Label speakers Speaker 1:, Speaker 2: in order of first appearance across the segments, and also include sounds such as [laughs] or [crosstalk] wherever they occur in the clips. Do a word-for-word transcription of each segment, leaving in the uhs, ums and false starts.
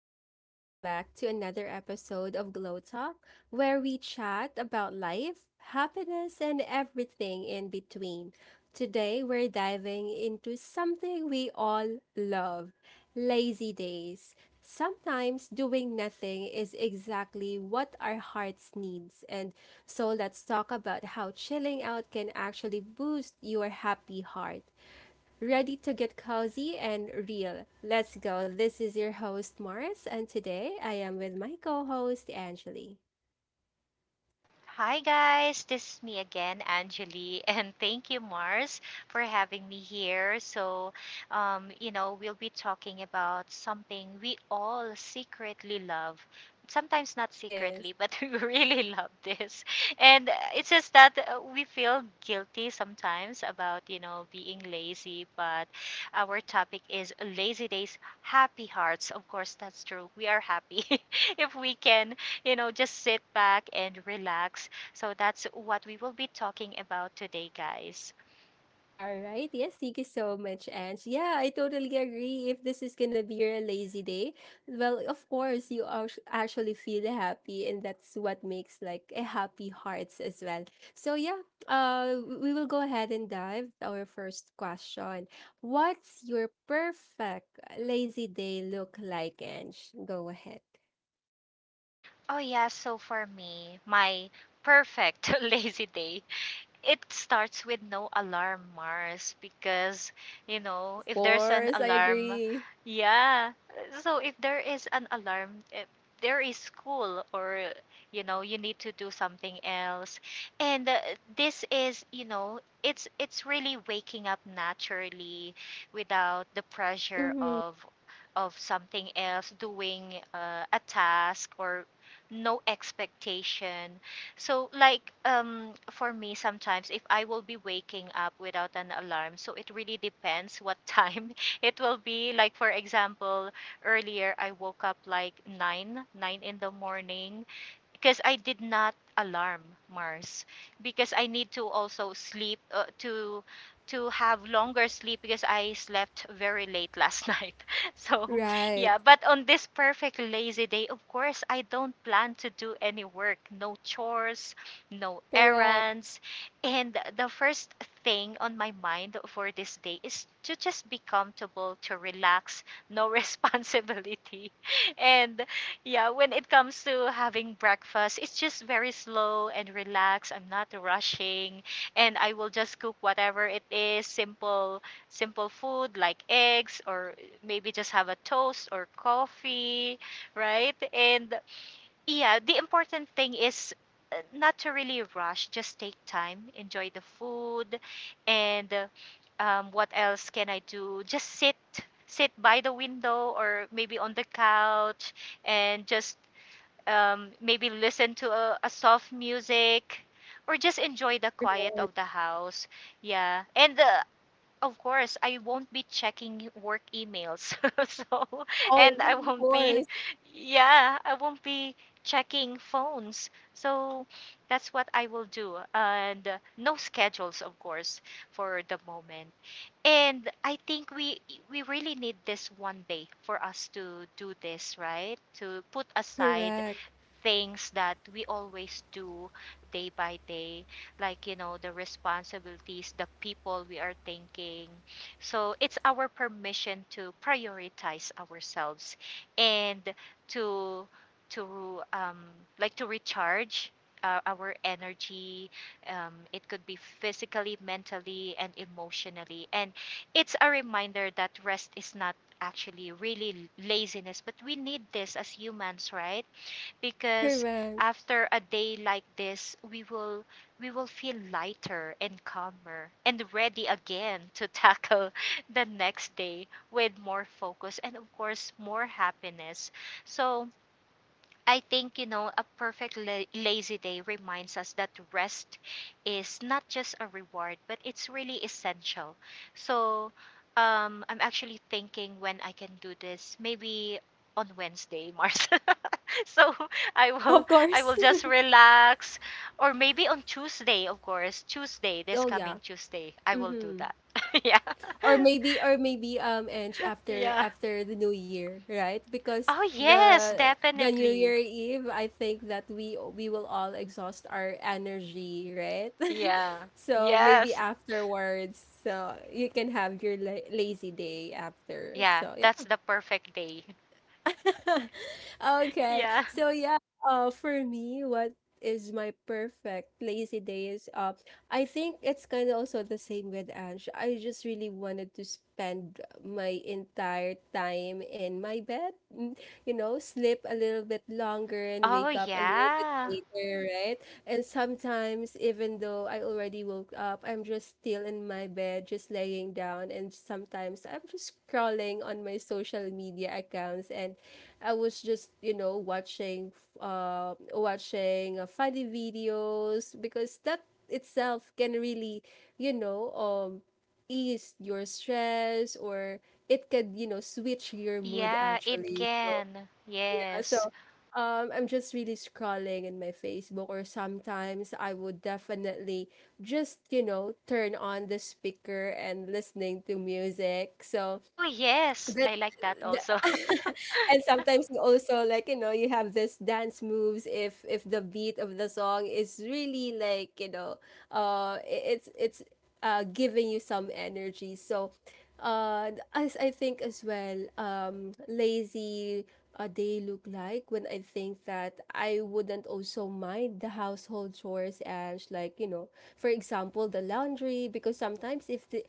Speaker 1: Fam, welcome back to another episode of Glow Talk, where we chat about life, happiness, and everything in between. Today, we're diving into something we all love lazy days. Sometimes doing nothing is exactly what our hearts needs. And so let's talk about how chilling out can actually boost your happy heart. Ready to get cozy and real. Let's go. This is your host, Mars, and today I am with my co host, Angeli.
Speaker 2: Hi guys, this is me again, Anjali, [laughs] and thank you, Mars, for having me here. So, um, you know, we'll be talking about something we all secretly love. Sometimes not
Speaker 1: Yes.
Speaker 2: secretly, but [laughs] we really love this. And uh, It's just that uh, we feel guilty sometimes about, you know, being lazy, but our topic is lazy days, happy hearts. Of course, that's true. We are happy [laughs] if we can you know, just sit back and relax. So that's what we will be talking about today, guys.
Speaker 1: All right. Yes, thank you so much, Ange. Yeah, I totally agree. If this is gonna be your lazy day, well, of course, you ac- actually feel happy, and that's what makes like a happy hearts as well. So yeah, uh, we will go ahead and dive to our first question. What's your perfect lazy day look like, Ange? Go ahead.
Speaker 2: Oh, yeah. So for me, my perfect [laughs] lazy day, it starts with no alarm, Mars, because you know,
Speaker 1: Of
Speaker 2: if there's an
Speaker 1: course, I
Speaker 2: alarm,
Speaker 1: agree.
Speaker 2: yeah, so if there is an alarm, if there is school or you know, you need to do something else, and uh, this is, you know, it's it's really waking up naturally without the pressure
Speaker 1: Mm-hmm.
Speaker 2: of of something else, doing uh, a task, or no expectation. So like um for me, sometimes if I will be waking up without an alarm, so it really depends what [laughs] time it will be. Like for example, earlier I woke up like nine, nine in the morning because I did not alarm Mars, because I need to also sleep uh, to to have longer sleep because I slept very late last [laughs] night. So,
Speaker 1: Right.
Speaker 2: yeah, but on this perfect lazy day, of course, I don't plan to do any work, no chores, no
Speaker 1: Correct.
Speaker 2: errands. And the first thing on my mind for this day is to just be comfortable, to relax, no [laughs] responsibility. And yeah, when it comes to having breakfast, it's just very slow and relaxed. I'm not rushing, and I will just cook whatever it is, simple simple food like eggs, or maybe just have a toast or coffee, right? And yeah, the important thing is uh, not to really rush. Just take time, enjoy the food, and uh, um, what else can I do? Just sit, sit by the window or maybe on the couch, and just um, maybe listen to a, a soft music, or just enjoy the quiet of the house. Yeah, and uh, Of course, I won't be checking work emails. [laughs] so,
Speaker 1: Oh,
Speaker 2: and I
Speaker 1: yeah, of
Speaker 2: won't
Speaker 1: course.
Speaker 2: be, yeah, I won't be checking phones. So, that's what I will do. And uh, No schedules, of course, for the moment. And I think we we really need this one day for us to do this, right? To put aside
Speaker 1: Correct.
Speaker 2: things that we always do day by day, like you know, the responsibilities, the people we are thinking. So it's our permission to prioritize ourselves and to to um, like to recharge uh, our energy. Um, it could be physically, mentally and emotionally, and it's a reminder that rest is not actually really laziness, but we need this as humans, right? Because
Speaker 1: Correct.
Speaker 2: after a day like this, we will we will feel lighter and calmer and ready again to tackle [laughs] the next day with more focus and of course more happiness. So I think, you know, a perfect la- lazy day reminds us that rest is not just a reward, but it's really essential. So, um, I'm actually thinking when I can do this, maybe on Wednesday, Mars. [laughs] so I will,
Speaker 1: Of
Speaker 2: I will
Speaker 1: course. [laughs]
Speaker 2: just relax, or maybe on Tuesday, of course, Tuesday, this
Speaker 1: oh yeah.
Speaker 2: coming Tuesday, I will do
Speaker 1: Mm-hmm.
Speaker 2: that. [laughs] yeah,
Speaker 1: Or maybe or maybe um Ange, after
Speaker 2: yeah.
Speaker 1: after the New Year, right? Because
Speaker 2: Oh yes,
Speaker 1: the the new
Speaker 2: definitely.
Speaker 1: year eve, I think that we we will all exhaust our energy, right? [laughs]
Speaker 2: Yeah.
Speaker 1: so maybe
Speaker 2: Yes.
Speaker 1: afterwards, so you can have your la- lazy day after.
Speaker 2: Yeah,
Speaker 1: So
Speaker 2: that's
Speaker 1: yeah.
Speaker 2: the perfect day. [laughs]
Speaker 1: [laughs] okay.
Speaker 2: Yeah.
Speaker 1: So yeah, uh for me, what is my perfect lazy day is uh I think it's kind of also the same with Ange. I just really wanted to spend my entire time in my bed, mm, you know, sleep a little bit longer and
Speaker 2: Oh,
Speaker 1: wake up a little bit
Speaker 2: yeah.
Speaker 1: later, right? And sometimes even though I already woke up, I'm just still in my bed, just laying down, and sometimes I'm just scrolling on my social media accounts, and I was just, you know, watching f- uh watching uh, funny videos because that itself can really, you know, um ease your stress, or it can, you know, switch your mood
Speaker 2: Yeah, it
Speaker 1: actually. So,
Speaker 2: can.
Speaker 1: yeah, so
Speaker 2: Yes.
Speaker 1: um I'm just really scrolling in my Facebook, or sometimes I would definitely just, you know, turn on the speaker and listening to music. So,
Speaker 2: Oh, yes.
Speaker 1: that,
Speaker 2: I like that also. [laughs]
Speaker 1: and sometimes you also like, you know, you have this dance moves if if the beat of the song is really, like, you know, uh i- it's it's uh giving you some energy. So uh as I think as well, um lazy, uh, they look like when I think that I wouldn't also mind the household chores, and, like, you know, for example, the laundry, because sometimes if the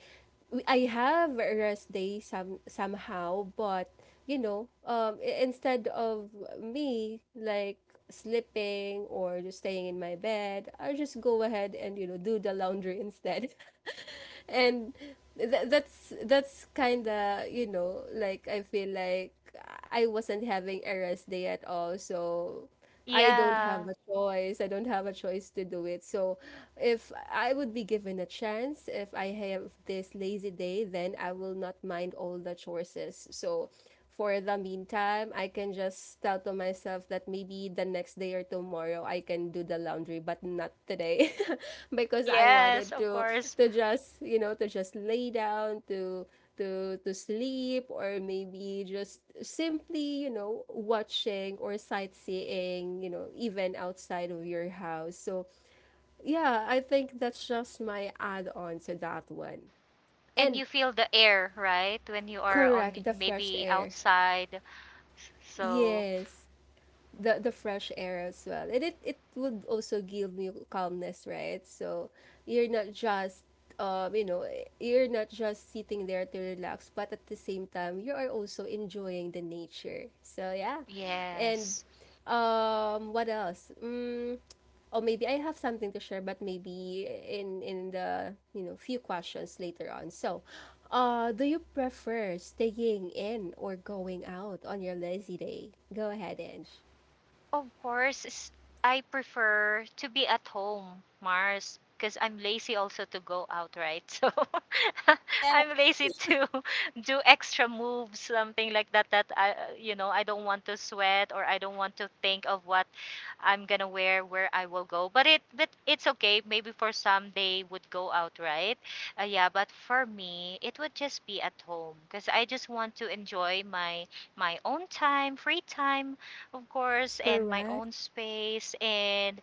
Speaker 1: we- I have a rest day some somehow, but you know, um, i- instead of me, like, slipping or just staying in my bed, I just go ahead and you know do the laundry instead. [laughs] and th- that's that's kind of, you know, like, I feel like I wasn't having a rest day at all, so. I don't
Speaker 2: yeah.
Speaker 1: have a choice. I don't have a choice to do it. So, if I would be given a chance, if I have this lazy day, then I will not mind all the choices. So, for the meantime, I can just tell to myself that maybe the next day or tomorrow I can do the laundry, but not today [laughs] because I
Speaker 2: Yes,
Speaker 1: wanted
Speaker 2: of
Speaker 1: to
Speaker 2: course.
Speaker 1: to just, you know, to just lay down, to to to sleep, or maybe just simply, you know, watching or sightseeing, you know, even outside of your house. So, yeah, I think that's just my add-on to that one.
Speaker 2: And
Speaker 1: And
Speaker 2: you feel the air, right? When you are on
Speaker 1: correct, the fresh
Speaker 2: maybe
Speaker 1: air.
Speaker 2: outside. So,
Speaker 1: Yes. the the fresh air as well, and it it would also give you calmness, right? So you're not just, um you know you're not just sitting there to relax, but at the same time you are also enjoying the nature, so yeah. And
Speaker 2: yes.
Speaker 1: um what else, mm, or maybe I have something to share, but maybe in in the, you know few questions later on. So, uh, do you prefer staying in or going out on your lazy day? Go ahead, Ange.
Speaker 2: Of course, s- I prefer to be at home, Mars, because I'm lazy also to go out, right? [laughs] So [laughs]
Speaker 1: Yeah.
Speaker 2: I'm lazy to [laughs] do extra moves, something like that. That I, you know, I don't want to sweat or I don't want to think of what I'm gonna wear, where I will go. But it, but it's okay. Maybe for some they would go out, right? Uh, yeah, but for me, it would just be at home because I just want to enjoy my my own time, free time of course, and my
Speaker 1: Correct.
Speaker 2: own space. And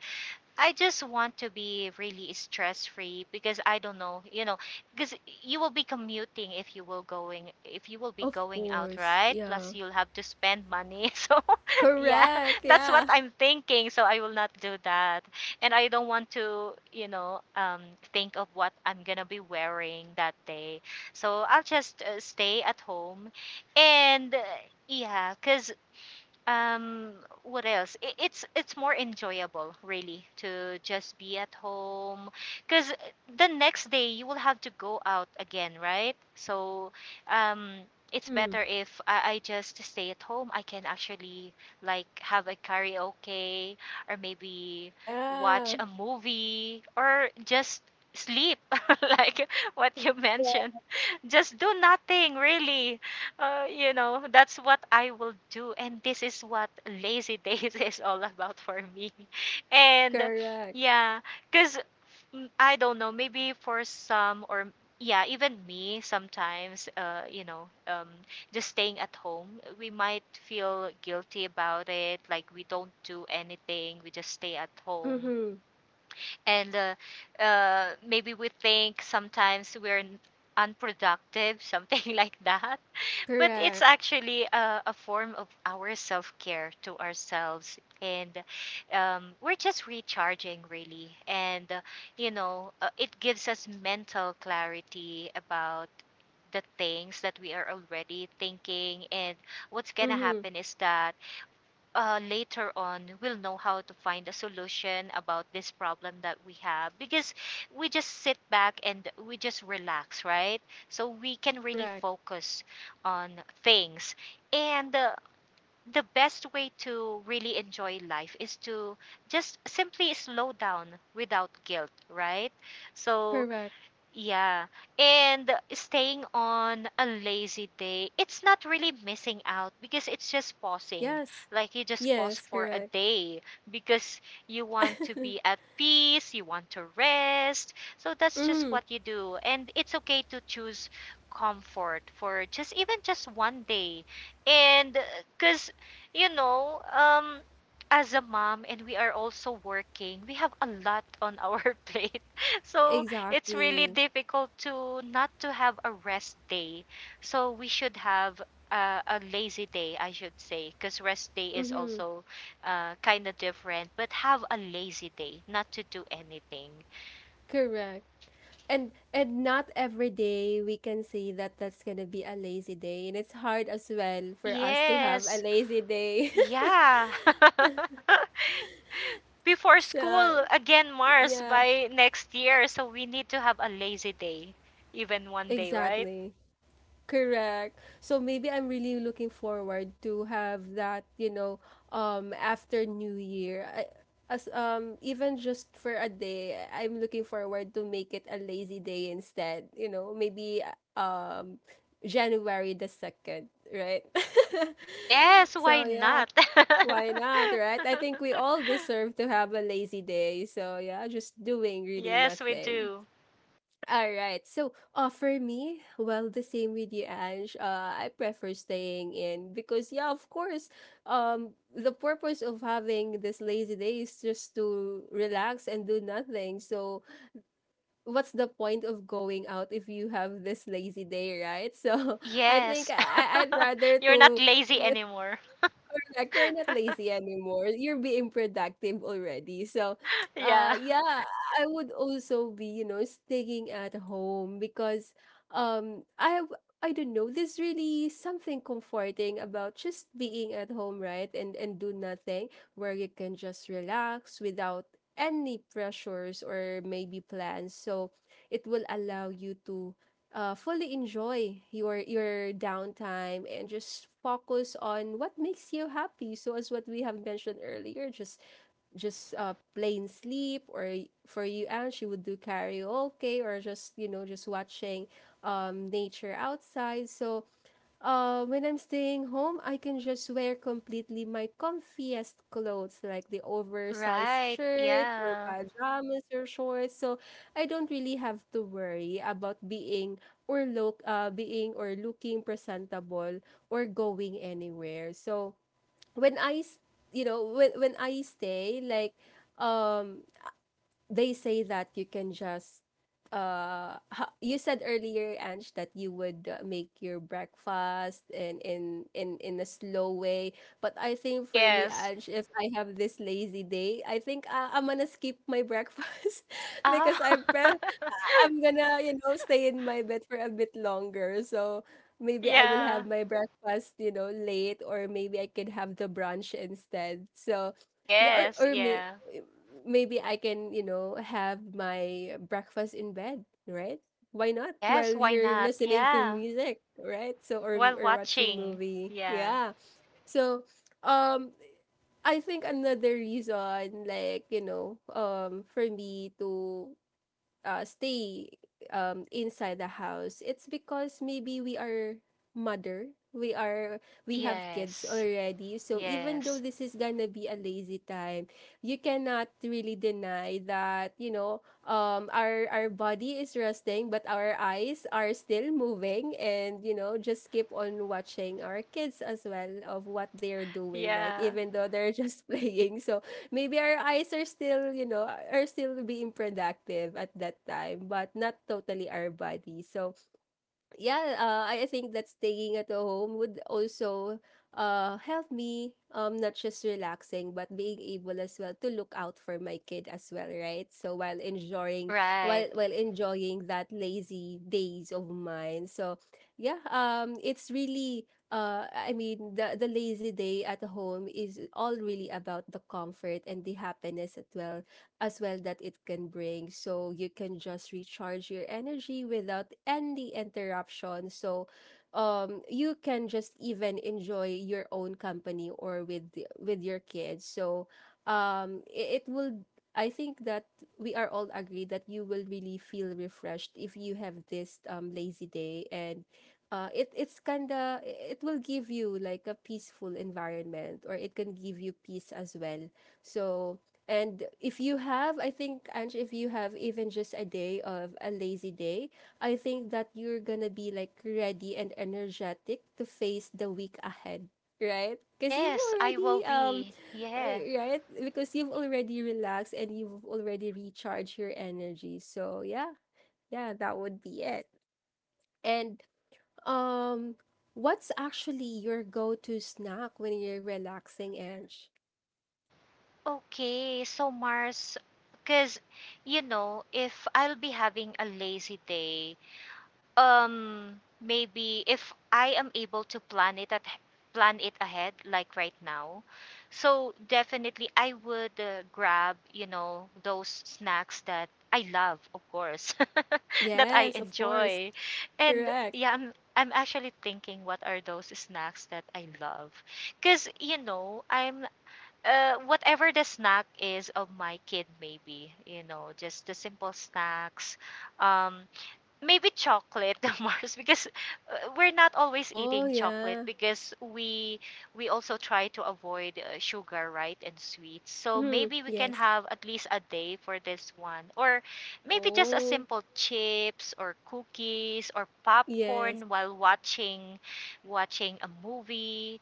Speaker 2: I just want to be really stress free because I don't know, you know, because you will be commuting if you will going if you will be
Speaker 1: Of
Speaker 2: going out,
Speaker 1: course.
Speaker 2: right?
Speaker 1: Yeah.
Speaker 2: Plus, you'll have to spend money. [laughs] So, yeah,
Speaker 1: Correct.
Speaker 2: that's what
Speaker 1: Yeah.
Speaker 2: I'm thinking. So I will not do that, and I don't want to, you know, um, think of what I'm gonna be wearing that day. So I'll just uh, stay at home, and uh, yeah, because um what else I it's it's more enjoyable really to just be at home because the next day you will have to go out again, right? so um it's
Speaker 1: Mm-hmm.
Speaker 2: better if I, I just stay at home. I can actually like have a karaoke, or maybe watch
Speaker 1: Yeah.
Speaker 2: a movie, or just sleep [laughs] like what you [laughs]
Speaker 1: Correct.
Speaker 2: mentioned, just do nothing really. Uh, you know, that's what I will do. And this is what lazy days [laughs] is all about for me. [laughs] And
Speaker 1: Correct.
Speaker 2: yeah, because I don't know, maybe for some, or yeah, even me sometimes, uh, you know, um, just staying at home, we might feel guilty about it. Like we don't do anything, we just stay at home.
Speaker 1: Mm-hmm.
Speaker 2: And uh, uh, Maybe we think sometimes we're n- unproductive, [laughs] something like that, but it's
Speaker 1: Correct.
Speaker 2: actually a, a form of our self-care to ourselves, and um, we're just recharging really, and uh, you know uh, it gives us mental clarity about the things that we are already thinking, and what's gonna
Speaker 1: Mm-hmm.
Speaker 2: happen is that uh, later on we'll know how to find a solution about this problem that we have, because we just sit back and we just relax, right? So we can really
Speaker 1: Correct.
Speaker 2: focus on things, and uh, the best way to really enjoy life is to just simply slow down without guilt, right? So
Speaker 1: Correct.
Speaker 2: yeah. And staying on a lazy day, it's not really missing out because it's just pausing.
Speaker 1: Yes.
Speaker 2: Like you just pause
Speaker 1: Yes,
Speaker 2: for a
Speaker 1: correct.
Speaker 2: day because you want to be
Speaker 1: [laughs]
Speaker 2: at peace, you want to rest. So that's just
Speaker 1: mm-hmm.
Speaker 2: what you do. And it's okay to choose comfort for just even just one day. And because, you know, um, as a mom and we are also working, we have a lot on our [laughs] plate. So it's really
Speaker 1: Exactly.
Speaker 2: difficult to not to have a rest day. So we should have uh, a lazy day, I should say, because rest day is
Speaker 1: Mm-hmm.
Speaker 2: also uh, kind of different. But have a lazy day, not to do anything.
Speaker 1: Correct. And and not every day we can say that that's gonna be a lazy day, and it's hard as well for us to have a
Speaker 2: Yes,
Speaker 1: lazy day.
Speaker 2: yeah. [laughs]
Speaker 1: [laughs]
Speaker 2: Before
Speaker 1: so
Speaker 2: school again, Mars,
Speaker 1: yeah,
Speaker 2: by next year. So we need to have a lazy day, even one day, right?
Speaker 1: exactly. Correct. So maybe I'm really looking forward to have that, you know, um after New Year. I, as um even just for a day, I'm looking forward to make it a lazy day instead, you know, maybe um January the second, right? [laughs]
Speaker 2: Yes,
Speaker 1: so
Speaker 2: why
Speaker 1: yeah,
Speaker 2: not?
Speaker 1: why not, right? I think we
Speaker 2: [laughs]
Speaker 1: all deserve to have a lazy day. So yeah, just doing really
Speaker 2: yes, we
Speaker 1: nothing.
Speaker 2: do.
Speaker 1: All right. So, uh, for me, well, the same with you, Ange. Uh, I prefer staying in because, yeah, of course, um, the purpose of having this lazy day is just to relax and do nothing. So, what's the point of going out if you have this lazy day, right? So, [laughs] I think
Speaker 2: Yes.
Speaker 1: I I'd
Speaker 2: [laughs]
Speaker 1: rather
Speaker 2: You're not
Speaker 1: to.
Speaker 2: lazy anymore.
Speaker 1: Correct. You're not lazy anymore. You're being productive already. So,
Speaker 2: [laughs]
Speaker 1: uh,
Speaker 2: Yeah.
Speaker 1: yeah, I would also be, you know, staying at home because, um, I have, I don't know, there's really something comforting about just being at home, right? And and do nothing, where you can just relax without any pressures or maybe plans. So, it will allow you to uh, fully enjoy your your downtime and just focus on what makes you happy, so as what we have mentioned earlier, just just uh, plain sleep, or y- for you, and she would do karaoke or just you know just watching um, nature outside. So uh, when I'm staying home, I can just wear completely my comfiest clothes, like the oversized
Speaker 2: Right.
Speaker 1: shirt or
Speaker 2: Yeah.
Speaker 1: pajamas or shorts. So I don't really have to worry about being or look, uh, being or looking presentable or going anywhere. So when I, s- you know, when when I stay, like, um, they say that you can just uh ha- you said earlier, Ange, that you would uh, make your breakfast in in in in a slow way, but I think for me,
Speaker 2: Yes.
Speaker 1: Ange, if I have this lazy day, I think uh, I'm gonna skip my breakfast. [laughs]
Speaker 2: Ah.
Speaker 1: because I pre I'm gonna, you know, stay in my bed for a bit longer. So
Speaker 2: [laughs]
Speaker 1: maybe I will
Speaker 2: yeah.
Speaker 1: have my breakfast, you know, late, or maybe I can have the brunch instead. So yeah, or
Speaker 2: Yes.
Speaker 1: or may
Speaker 2: Yeah.
Speaker 1: maybe I can, you know, have my breakfast in bed, right? Why not?
Speaker 2: Yes.
Speaker 1: While
Speaker 2: Why
Speaker 1: you're
Speaker 2: not?
Speaker 1: listening to
Speaker 2: Yeah.
Speaker 1: music, right? So or
Speaker 2: While
Speaker 1: or watching
Speaker 2: watching.
Speaker 1: movie.
Speaker 2: Yeah.
Speaker 1: Yeah. So um I think another reason, like, you know, um, for me to uh, stay um, inside the house, it's because maybe we are mother. We are we have kids
Speaker 2: Yes.
Speaker 1: already. So even though
Speaker 2: Yes.
Speaker 1: this is gonna be a lazy time, you cannot really deny that, you know, um our our body is resting, but our eyes are still moving, and you know just keep on watching our kids as well of what they're doing, right,
Speaker 2: Yeah.
Speaker 1: even though they're just [laughs] playing. So maybe our eyes are still, you know, are still being productive at that time, but not totally our body. So, yeah, uh, I I think that staying at home would also uh, help me um, not just relaxing, but being able as well to look out for my kid as well, right? So while enjoying while
Speaker 2: Right.
Speaker 1: while enjoying that lazy days of mine. So yeah, um, it's really, uh, I mean, the the lazy day at home is all really about the comfort and the happiness as well as well that it can bring. So you can just recharge your energy without any interruption. So um you can just even enjoy your own company or with the- with your kids. So um it, it will, I think, that we are all agreed that you will really feel refreshed if you have this um lazy day, and uh, it it's kinda, it will give you like a peaceful environment, or it can give you peace as well. So, and if you have, I think, Ange, if you have even just a day of a lazy day, I think that you're gonna be, like, ready and energetic to face the week ahead, right? Because you've
Speaker 2: Yes, I
Speaker 1: already,
Speaker 2: will
Speaker 1: um,
Speaker 2: be.
Speaker 1: uh,
Speaker 2: Yeah.
Speaker 1: right? Because you've already relaxed, and you've already recharged your energy. So, yeah, yeah, that would be it. And, um, what's actually your go to snack when you're relaxing, Ange?
Speaker 2: Okay. So, Mars, because, you know, if I'll be having a lazy day, Um, maybe if I am able to plan it at plan it ahead, like right now, so definitely I would uh, grab, you know, those snacks that I love, of course, [laughs] that I
Speaker 1: Yes, of course.
Speaker 2: enjoy, and
Speaker 1: Correct.
Speaker 2: yeah, I'm I'm actually thinking what are those snacks that I love, because you know I'm. Uh, whatever the snack is of my kid, maybe you know, just the simple snacks, um maybe chocolate, [laughs] the Mars, because uh, we're not always
Speaker 1: Oh,
Speaker 2: eating chocolate
Speaker 1: yeah.
Speaker 2: because we we also try to avoid uh, sugar, right, and sweets. So
Speaker 1: Mm-hmm.
Speaker 2: maybe we can
Speaker 1: Yes.
Speaker 2: have at least a day for this one, or maybe just a
Speaker 1: Oh,
Speaker 2: simple chips or cookies or
Speaker 1: yes.
Speaker 2: popcorn while watching watching a movie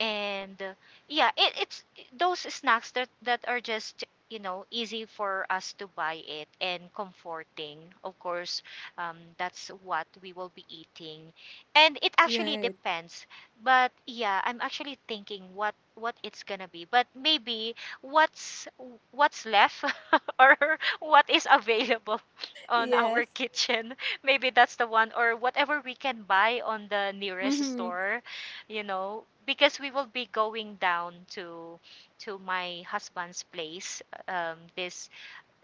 Speaker 2: and uh, yeah it, it's those snacks that that are just you know easy for us to buy it and comforting of course. Um, that's what we will be eating, and it actually
Speaker 1: Right.
Speaker 2: depends. But yeah, I'm actually thinking what what it's gonna be, but maybe what's what's left [laughs] or what is available [laughs] on our
Speaker 1: Yes.
Speaker 2: kitchen. Maybe that's the one, or whatever we can buy on the nearest
Speaker 1: Mm-hmm.
Speaker 2: store, you know because we will be going down to to my husband's place um, this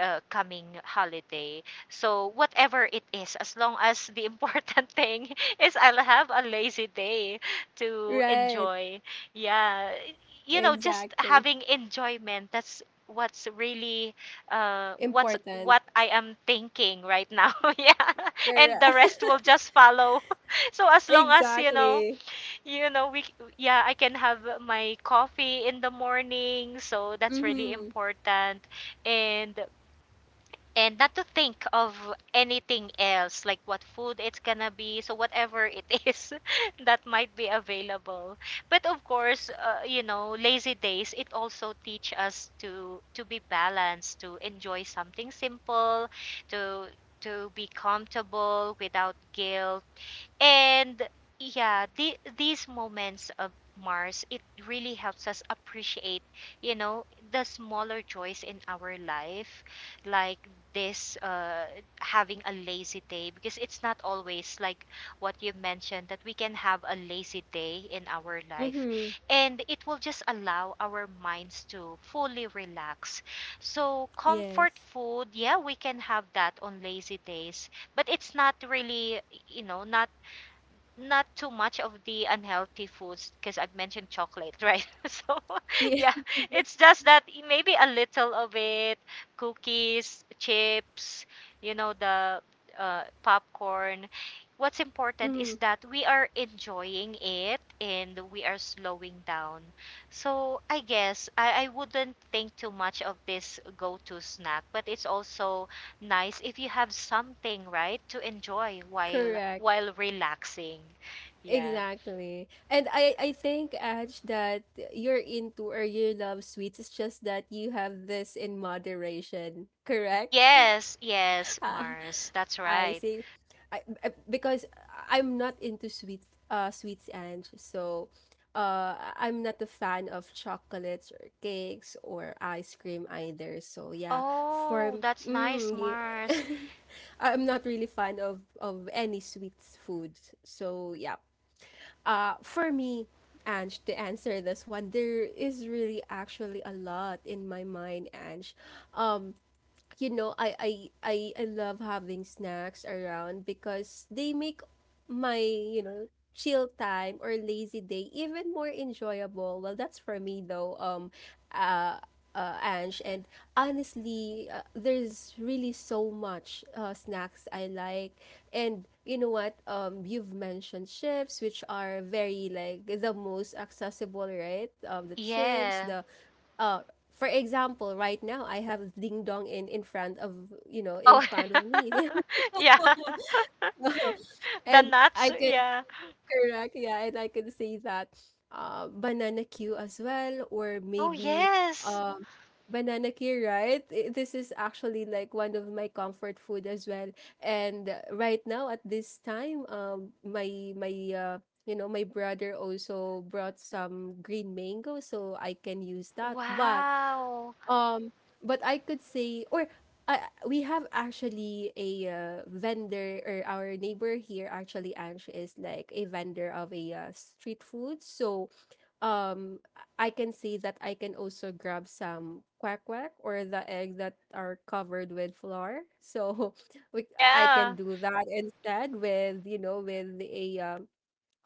Speaker 2: uh, coming holiday. So whatever it is, as long as the [laughs] important thing is I'll have a lazy day to
Speaker 1: Right.
Speaker 2: enjoy, yeah. You know just
Speaker 1: Exactly.
Speaker 2: having enjoyment, that's what's really uh what's
Speaker 1: Important.
Speaker 2: what I am thinking right now. [laughs] Yeah, and
Speaker 1: Correct.
Speaker 2: the rest will
Speaker 1: [laughs]
Speaker 2: just follow. [laughs] So as long as, you know
Speaker 1: Exactly.
Speaker 2: you know we yeah, I can have my coffee in the morning, so that's really
Speaker 1: Mm-hmm.
Speaker 2: important. and and not to think of anything else like what food it's gonna be, so whatever it [laughs] is that might be available. But of course, uh, you know lazy days, it also teach us to to be balanced, to enjoy something simple, to to be comfortable without guilt. And yeah, the, these moments of Mars, it really helps us appreciate, you know, the smaller joys in our life, like this uh, having a lazy day, because it's not always like what you mentioned that we can have a lazy day in our life.
Speaker 1: Mm-hmm.
Speaker 2: And it will just allow our minds to fully relax. So, comfort
Speaker 1: Yes.
Speaker 2: food, yeah, we can have that on lazy days, but it's not really, you know, not not too much of the unhealthy foods, because I've mentioned chocolate, right? [laughs] So, [laughs] yeah,
Speaker 1: Yeah.
Speaker 2: it's just that y- maybe a little of it, cookies, chips, you know, the uh, popcorn. What's
Speaker 1: [laughs]
Speaker 2: important is
Speaker 1: Mm-hmm.
Speaker 2: that we are enjoying it and we are slowing down. So, I guess I, I wouldn't think too much of this go to snack, but it's also nice if you have something, right, to enjoy while
Speaker 1: Correct.
Speaker 2: while relaxing. Yeah.
Speaker 1: Exactly. And I I think, Aj, that you're into, or you love sweets. It's just that you have this in moderation. Correct?
Speaker 2: Yes, yes, Mars. That's
Speaker 1: I
Speaker 2: right.
Speaker 1: say, I, I- because I'm not into sweet uh sweets, and so uh I- am not a fan of chocolates or cakes or ice cream either. So yeah,
Speaker 2: Oh,
Speaker 1: for
Speaker 2: that's
Speaker 1: mm,
Speaker 2: nice,
Speaker 1: yeah.
Speaker 2: Mars.
Speaker 1: [laughs] I'm not really fan of of any sweet foods. So yeah. Uh for me, Ange, to answer this one, there is really actually a lot in my mind, Ange. Um you know, I I I I love having snacks around because they make my, you know, chill time or lazy day even more enjoyable. Well, that's for me though. Um uh uh, Ange, and honestly, uh, there's really so much uh, snacks I like, and you know what? Um, you've mentioned chips, which are very like the most accessible, right? Um, the chips,
Speaker 2: Yeah.
Speaker 1: the uh for example, right now I have ding dong in in front of— you know in
Speaker 2: Oh.
Speaker 1: front of me.
Speaker 2: [laughs] Yeah. [laughs]
Speaker 1: [laughs]
Speaker 2: The
Speaker 1: And
Speaker 2: nuts,
Speaker 1: I could
Speaker 2: yeah.
Speaker 1: correct, yeah, and I could say that uh banana q as well, or
Speaker 2: Oh,
Speaker 1: maybe
Speaker 2: yes.
Speaker 1: um banana q, right? I- this is actually like one of my comfort food as well. And uh, right now at this time, um my my uh you know my brother also brought some green mango so I can use that, but
Speaker 2: Wow.
Speaker 1: um, but I could say, or uh, we have actually a uh, vendor, or our neighbor here, actually, Ange, is like a vendor of a uh, street food. So um, I can say that I can also grab some quack quack, or the eggs that are covered with flour. So [laughs] we, I can
Speaker 2: Yeah.
Speaker 1: do that instead, with, you know, with a um,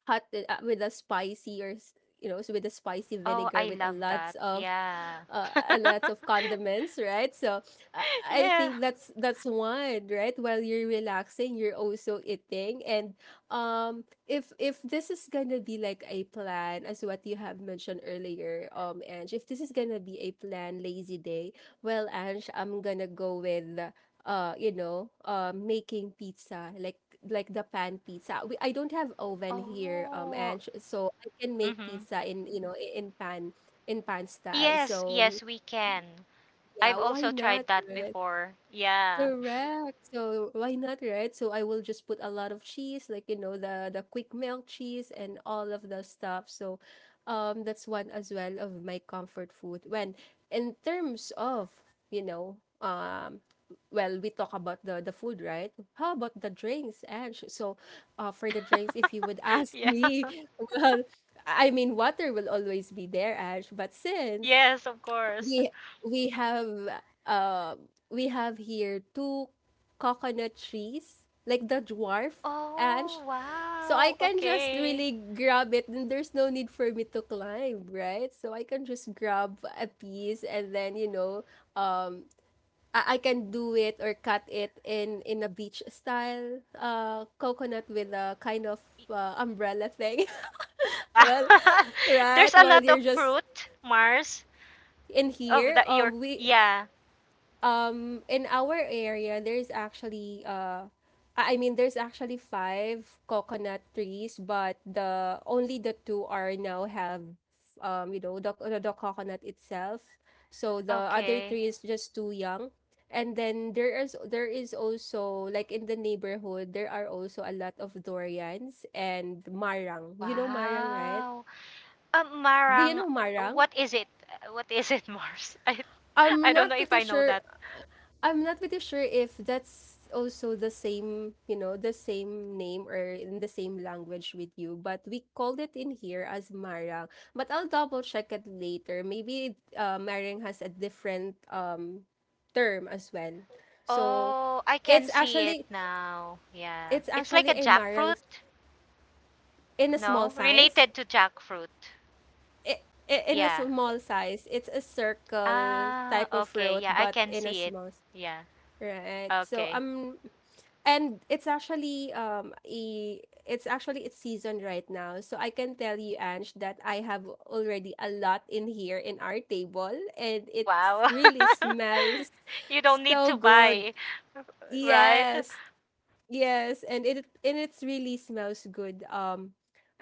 Speaker 1: hot it up with a spicy, or s- you know with a spicy
Speaker 2: Oh,
Speaker 1: vinegar
Speaker 2: I
Speaker 1: with a
Speaker 2: love
Speaker 1: lots
Speaker 2: that.
Speaker 1: of
Speaker 2: Yeah.
Speaker 1: uh,
Speaker 2: [laughs]
Speaker 1: a lots of condiments, right? So uh, I
Speaker 2: Yeah.
Speaker 1: think that's that's one, right? While you're relaxing, you're also eating. And um if if this is gonna be like a plan as what you have mentioned earlier, um Ange, if this is gonna be a plan lazy day, well, Ange, I'm gonna go with uh you know uh making pizza, like like the pan pizza. We, i don't have oven here, um
Speaker 2: Oh.
Speaker 1: and so I can make
Speaker 2: Mhm.
Speaker 1: pizza in— you know i- in pan in pan style.
Speaker 2: Yes,
Speaker 1: So
Speaker 2: yes, we can.
Speaker 1: yeah,
Speaker 2: I've
Speaker 1: why
Speaker 2: also
Speaker 1: not,
Speaker 2: tried that
Speaker 1: right?
Speaker 2: before. Yeah.
Speaker 1: Correct. So why not, right? So I will just put a lot of cheese, like, you know, the the quick melt cheese and all of the stuff. So um that's one as well of my comfort food. When In terms of, you know, um well, we talk about the the food, right? How about the drinks, Ange? So uh for the drinks, if you would
Speaker 2: [laughs]
Speaker 1: ask me,
Speaker 2: Yeah.
Speaker 1: [laughs] well, I mean, water will always be there, Ash, but since
Speaker 2: Yes, of course.
Speaker 1: we we have uh, we have here two coconut trees, like the dwarf. And
Speaker 2: Oh,
Speaker 1: so I
Speaker 2: wow.
Speaker 1: can just
Speaker 2: Okay.
Speaker 1: really grab it, and there's no need for me to climb, right? So I can just grab a piece and then, you know, um I, I can do it, or cut it in in a beach style uh coconut with a kind of uh, umbrella thing. [laughs]
Speaker 2: Wow.
Speaker 1: Well,
Speaker 2: [laughs]
Speaker 1: right?
Speaker 2: There's a
Speaker 1: Well,
Speaker 2: lot
Speaker 1: you're
Speaker 2: of
Speaker 1: just
Speaker 2: fruit, Mars,
Speaker 1: in
Speaker 2: of
Speaker 1: here.
Speaker 2: the your
Speaker 1: Um we
Speaker 2: yeah.
Speaker 1: um In our area, there's actually uh I I mean, there's actually five coconut trees, but the only the two are now have, um you know the, the the coconut itself. So the other
Speaker 2: Okay.
Speaker 1: three is just too young. And then there is there is also, like, in the neighborhood, there are also a lot of durians and marang. You know marang, right?
Speaker 2: Wow. Um,
Speaker 1: Do you
Speaker 2: marang,
Speaker 1: know marang?
Speaker 2: what is it? Uh, What is it, [laughs] Mars? I
Speaker 1: I'm
Speaker 2: I don't
Speaker 1: not
Speaker 2: know if
Speaker 1: pretty
Speaker 2: I know
Speaker 1: sure
Speaker 2: that.
Speaker 1: I'm not pretty sure if that's also the same, you know, the same name or in the same language with you, but we called it in here as marang. But I'll double check it later. Maybe uh, marang has a different um term as well. So
Speaker 2: Oh, I can
Speaker 1: it's
Speaker 2: see it
Speaker 1: actually
Speaker 2: now. Yeah.
Speaker 1: it's
Speaker 2: It's like
Speaker 1: actually
Speaker 2: a
Speaker 1: a marang
Speaker 2: jackfruit.
Speaker 1: in a small
Speaker 2: No,
Speaker 1: size.
Speaker 2: related to jackfruit.
Speaker 1: I- i- In a
Speaker 2: Yeah.
Speaker 1: small size, it's a circle
Speaker 2: Ah,
Speaker 1: type of
Speaker 2: okay.
Speaker 1: fruit,
Speaker 2: Yeah, I
Speaker 1: but
Speaker 2: can
Speaker 1: in a
Speaker 2: see it.
Speaker 1: small, s-
Speaker 2: Yeah.
Speaker 1: right? So
Speaker 2: Okay.
Speaker 1: I'm and it's actually um a it's actually its season right now, so I can tell you, Ange, that I have already a lot in here in our table, and it
Speaker 2: Wow.
Speaker 1: really
Speaker 2: [laughs]
Speaker 1: smells
Speaker 2: You don't need
Speaker 1: so
Speaker 2: to
Speaker 1: good.
Speaker 2: buy, right?
Speaker 1: Yes, yes, and it and it's really smells good, um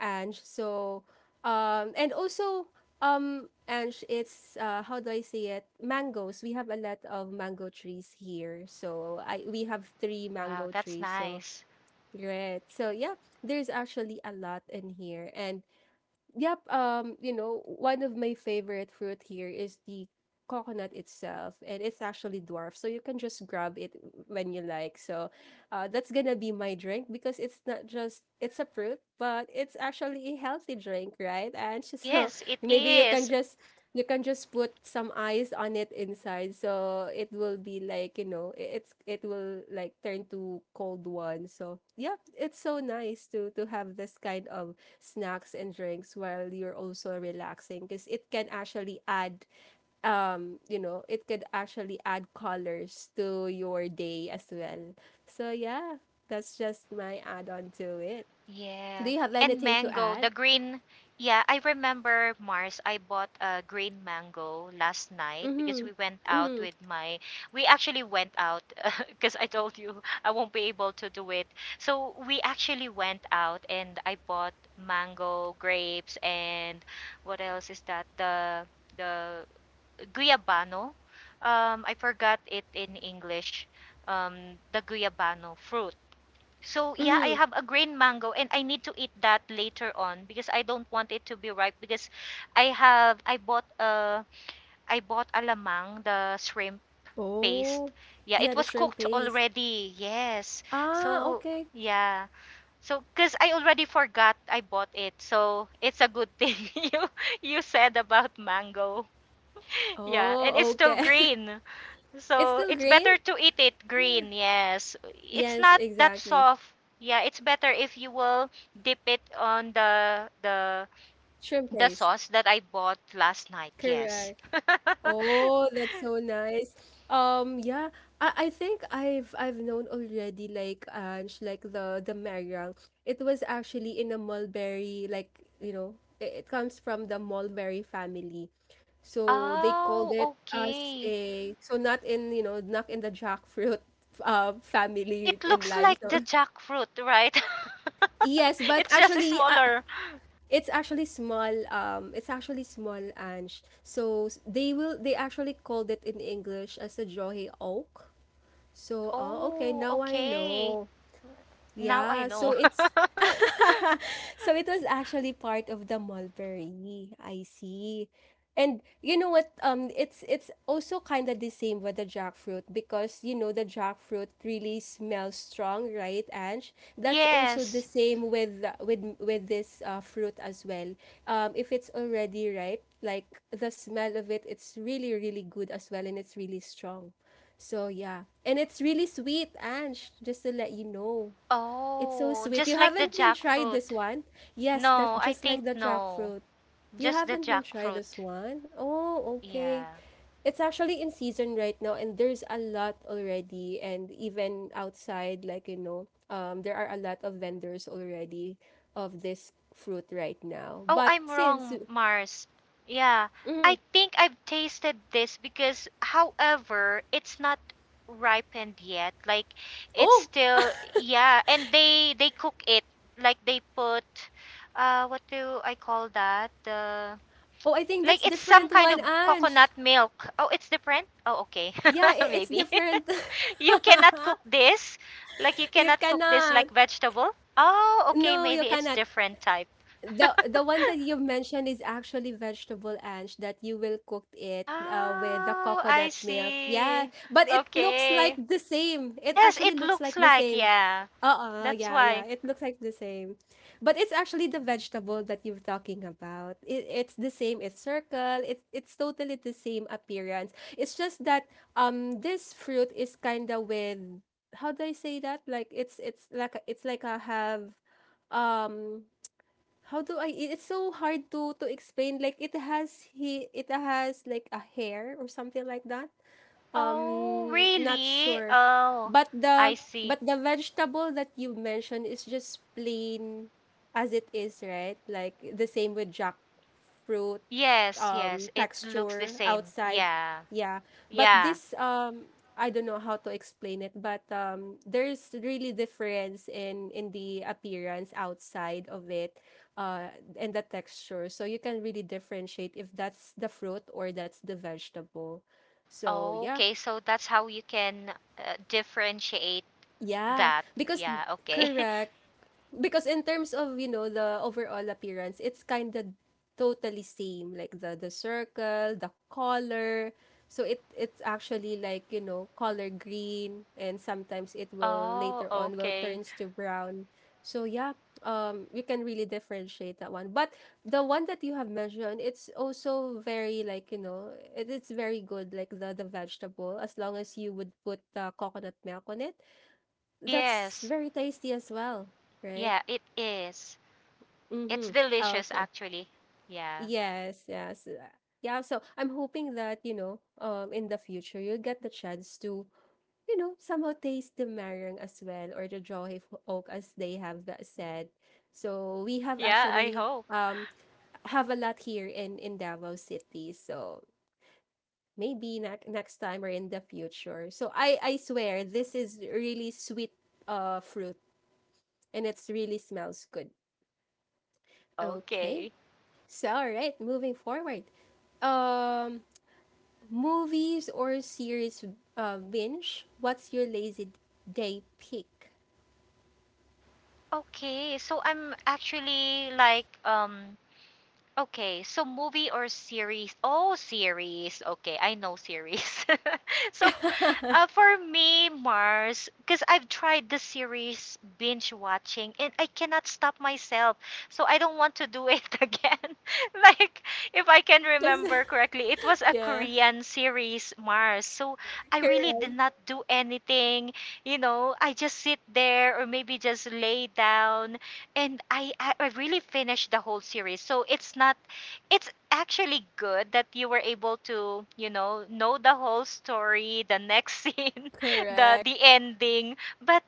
Speaker 1: Ange. So, um and also, um Ange, it's uh how do I say it, mangoes. We have a lot of mango trees here, so I we have three
Speaker 2: Wow,
Speaker 1: mango
Speaker 2: that's
Speaker 1: trees. So
Speaker 2: nice.
Speaker 1: great. So yeah, there's actually a lot in here. And yep, um, you know, one of my favorite fruit here is the coconut itself, and it's actually dwarf, so you can just grab it when you like. So, uh, that's gonna be my drink, because it's not just it's a fruit, but it's actually a healthy drink, right? And [laughs] so
Speaker 2: Yes, it
Speaker 1: maybe you can
Speaker 2: is.
Speaker 1: just you can just put some ice on it inside, so it will be like, you know i- it's it will like turn to cold one. So yeah, it's so nice to to have this kind of snacks and drinks while you're also relaxing, because it can actually add, um you know it could actually add colors to your day as well. So yeah, that's just my add-on to it. Do
Speaker 2: Yeah.
Speaker 1: you have
Speaker 2: And
Speaker 1: anything to
Speaker 2: mango,
Speaker 1: add?
Speaker 2: the green. Yeah, I remember Mars. I bought a green mango last night because
Speaker 1: Mm-hmm.
Speaker 2: we went out
Speaker 1: Mm-hmm.
Speaker 2: with my. We actually went out [laughs] because I told you I won't be able to do it. So we actually went out and I bought mango, grapes, and what else is that? The the guayabano. Um, I forgot it in English. Um, the guayabano fruit. So yeah, I
Speaker 1: Mm-hmm.
Speaker 2: have a green mango and I need to eat that later on because I don't want it to be ripe because I have I bought uh I bought alamang, the shrimp paste.
Speaker 1: Oh,
Speaker 2: Yeah, it
Speaker 1: yeah, the
Speaker 2: was
Speaker 1: shrimp
Speaker 2: cooked
Speaker 1: paste.
Speaker 2: already. Yes.
Speaker 1: Ah,
Speaker 2: So
Speaker 1: okay.
Speaker 2: yeah. So cuz I already forgot I bought it. So it's a good thing [laughs] you you said about mango. Yeah, and it's
Speaker 1: Oh,
Speaker 2: still
Speaker 1: okay.
Speaker 2: green.
Speaker 1: [laughs] It's
Speaker 2: So
Speaker 1: still
Speaker 2: it's
Speaker 1: green.
Speaker 2: better to eat it
Speaker 1: Yeah,
Speaker 2: green, yes. It's
Speaker 1: yes,
Speaker 2: not that
Speaker 1: exactly.
Speaker 2: soft. Yeah, it's better if you will dip it on the the
Speaker 1: Shrimp
Speaker 2: the
Speaker 1: paste.
Speaker 2: sauce that I bought last night. Yes.
Speaker 1: Correct.
Speaker 2: [laughs]
Speaker 1: Oh, that's so nice. Um, yeah, I, I think I've I've known already, like, Ange, like the the meringue. It was actually in a mulberry, like, you know, it, it comes from the mulberry family, so they called
Speaker 2: Oh,
Speaker 1: it as
Speaker 2: okay.
Speaker 1: a— so not in, you know not in the jackfruit uh family
Speaker 2: It
Speaker 1: in
Speaker 2: looks
Speaker 1: line.
Speaker 2: like
Speaker 1: So
Speaker 2: the
Speaker 1: [laughs]
Speaker 2: jackfruit, right? [laughs]
Speaker 1: yes, but
Speaker 2: It's just
Speaker 1: actually, uh,
Speaker 2: smaller.
Speaker 1: it's actually small. Um, it's actually small, Ange. So, s- they will. They actually called it in English as a Johe oak. So, oh, okay.
Speaker 2: Oh,
Speaker 1: Now I
Speaker 2: okay.
Speaker 1: know.
Speaker 2: Now I
Speaker 1: Yeah. So
Speaker 2: know.
Speaker 1: it's
Speaker 2: [laughs]
Speaker 1: So it was actually part of the mulberry. I see. And you know what? Um, it's it's also kind of the same with the jackfruit, because, you know, the jackfruit really smells strong, right, Ange? That's also the
Speaker 2: Yes.
Speaker 1: same with with with this uh, fruit as well. Um, if it's already ripe, like, the smell of it, it's really really good as well, and it's really strong. So yeah, and it's really sweet, Ange. Just to let you know. It's so
Speaker 2: Oh,
Speaker 1: sweet. You
Speaker 2: just like the
Speaker 1: haven't been tried this
Speaker 2: jackfruit.
Speaker 1: one? Yes,
Speaker 2: No,
Speaker 1: that
Speaker 2: I
Speaker 1: just like
Speaker 2: think
Speaker 1: the
Speaker 2: no.
Speaker 1: jackfruit. You
Speaker 2: Just the
Speaker 1: haven't been tried this
Speaker 2: jackfruit.
Speaker 1: one? Oh, okay.
Speaker 2: Yeah.
Speaker 1: It's actually in season right now, and there's a lot already, and even outside, like, you know, um there are a lot of vendors already of this fruit right now.
Speaker 2: Oh,
Speaker 1: But
Speaker 2: I'm
Speaker 1: since—
Speaker 2: wrong, Mars. Yeah. I think I've tasted this because, however, it's not ripened yet. Like, it's
Speaker 1: oh,
Speaker 2: still, yeah. And they they cook it. Like, they put, uh, what do I call that? The
Speaker 1: oh I think
Speaker 2: like
Speaker 1: that's
Speaker 2: it's some
Speaker 1: different
Speaker 2: kind
Speaker 1: one,
Speaker 2: of
Speaker 1: Ange.
Speaker 2: coconut milk. Oh, it's different? Oh, okay.
Speaker 1: Yeah,
Speaker 2: [laughs]
Speaker 1: i- it's
Speaker 2: Maybe.
Speaker 1: different.
Speaker 2: [laughs] You cannot cook this. Like you
Speaker 1: [laughs] You
Speaker 2: cannot cook this
Speaker 1: cannot.
Speaker 2: like vegetable. Oh, okay,
Speaker 1: No, you
Speaker 2: maybe it's
Speaker 1: cannot.
Speaker 2: different type.
Speaker 1: the the one
Speaker 2: [laughs]
Speaker 1: that you mentioned is actually vegetable, Ange, that you will cook it uh, with the
Speaker 2: Oh, I
Speaker 1: coconut milk. Yeah,
Speaker 2: see.
Speaker 1: but it looks like
Speaker 2: Okay.
Speaker 1: the same. It
Speaker 2: Yes,
Speaker 1: actually
Speaker 2: it
Speaker 1: looks
Speaker 2: looks
Speaker 1: like the
Speaker 2: like,
Speaker 1: same.
Speaker 2: yeah.
Speaker 1: Uh-uh,
Speaker 2: That's
Speaker 1: yeah,
Speaker 2: why.
Speaker 1: yeah. It looks like the same. But it's actually the vegetable that you're talking about. It, it's the same. It's circle. It's it's totally the same appearance. It's just that, um this fruit is kind of with— how do I say that? Like, it's it's like a- it's like a have, um how do I it- it's so hard to to explain. Like, it has he it has like a hair or something like that,
Speaker 2: Oh,
Speaker 1: um, not
Speaker 2: really?
Speaker 1: sure.
Speaker 2: Oh,
Speaker 1: But
Speaker 2: I
Speaker 1: the
Speaker 2: see.
Speaker 1: but the vegetable that you mentioned is just plain as it is, right? Like the same with jackfruit,
Speaker 2: Yes,
Speaker 1: um,
Speaker 2: yes, it looks the
Speaker 1: texture
Speaker 2: same.
Speaker 1: outside.
Speaker 2: Yeah.
Speaker 1: Yeah. But
Speaker 2: Yeah.
Speaker 1: this, um I don't know how to explain it, but um there's really difference in in the appearance outside of it, uh and the texture. So you can really differentiate if that's the fruit or that's the vegetable. So yeah.
Speaker 2: Okay, so that's how you can uh, differentiate
Speaker 1: Yeah,
Speaker 2: that.
Speaker 1: because
Speaker 2: Yeah, okay. [laughs]
Speaker 1: correct. Because in terms of, you know, the overall appearance, it's kind of totally same, like the the circle, the color. So it it's actually like, you know, color green, and sometimes it will
Speaker 2: Oh,
Speaker 1: later on will
Speaker 2: okay.
Speaker 1: turns to brown. So yeah, um we can really differentiate that one. But the one that you have mentioned, it's also very, like, you know, it, it's very good, like the the vegetable, as long as you would put the coconut milk on it. That's
Speaker 2: Yes.
Speaker 1: very tasty as well, right?
Speaker 2: Yeah, it is. It's
Speaker 1: Mm-hmm.
Speaker 2: delicious,
Speaker 1: Okay.
Speaker 2: actually. Yeah.
Speaker 1: Yes, yes. uh, Yeah, so I'm hoping that, you know, um in the future you'll get the chance to, you know, somehow taste the marang as well, or the johe oak as they have tha- said. So we
Speaker 2: [laughs]
Speaker 1: have
Speaker 2: Yeah, I
Speaker 1: actually
Speaker 2: hope.
Speaker 1: um have a lot here in in Davao City. So maybe ne- next time or in the future. So I I swear this is really sweet uh fruit, and it's really smells good. Okay.
Speaker 2: Okay.
Speaker 1: So, all right, moving forward. Um, movies or series, uh, binge? What's your lazy day pick? [laughs]
Speaker 2: Okay, so I'm actually like um okay, so movie or series? Oh, series. Okay, I know series. [laughs] So,
Speaker 1: Yeah,
Speaker 2: uh, for me, Mars, because I've tried the series binge watching and I cannot stop myself. So, I don't want to do it [laughs] again. [laughs] Like, if I can
Speaker 1: because
Speaker 2: remember correctly, it was a
Speaker 1: yeah,
Speaker 2: Korean series, Mars. So, I really
Speaker 1: correct,
Speaker 2: did not do anything. You know, I just sit there or maybe just lay down, and I, I I really finished the whole series. So it's not, it's actually good that you were able to, you know, know the whole story, the next [laughs] scene, the
Speaker 1: correct.
Speaker 2: the ending. But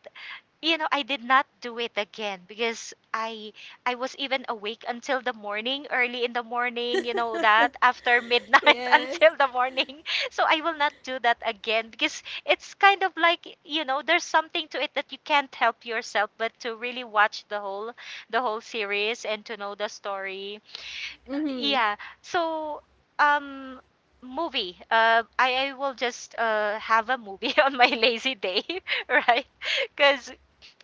Speaker 2: you know, I did not do it again, because I I was even awake until the morning, early in the morning, you know, that after midnight [laughs]
Speaker 1: Yes.
Speaker 2: until the morning. So I will not do that again, because it's kind of like, you know, there's something to it that you can't help yourself but to really watch the whole the whole series and to know the story.
Speaker 1: Mhm.
Speaker 2: Yeah. So, um, movie. Uh, I, I will just uh, have a movie [laughs] on my lazy day, [laughs] right? Because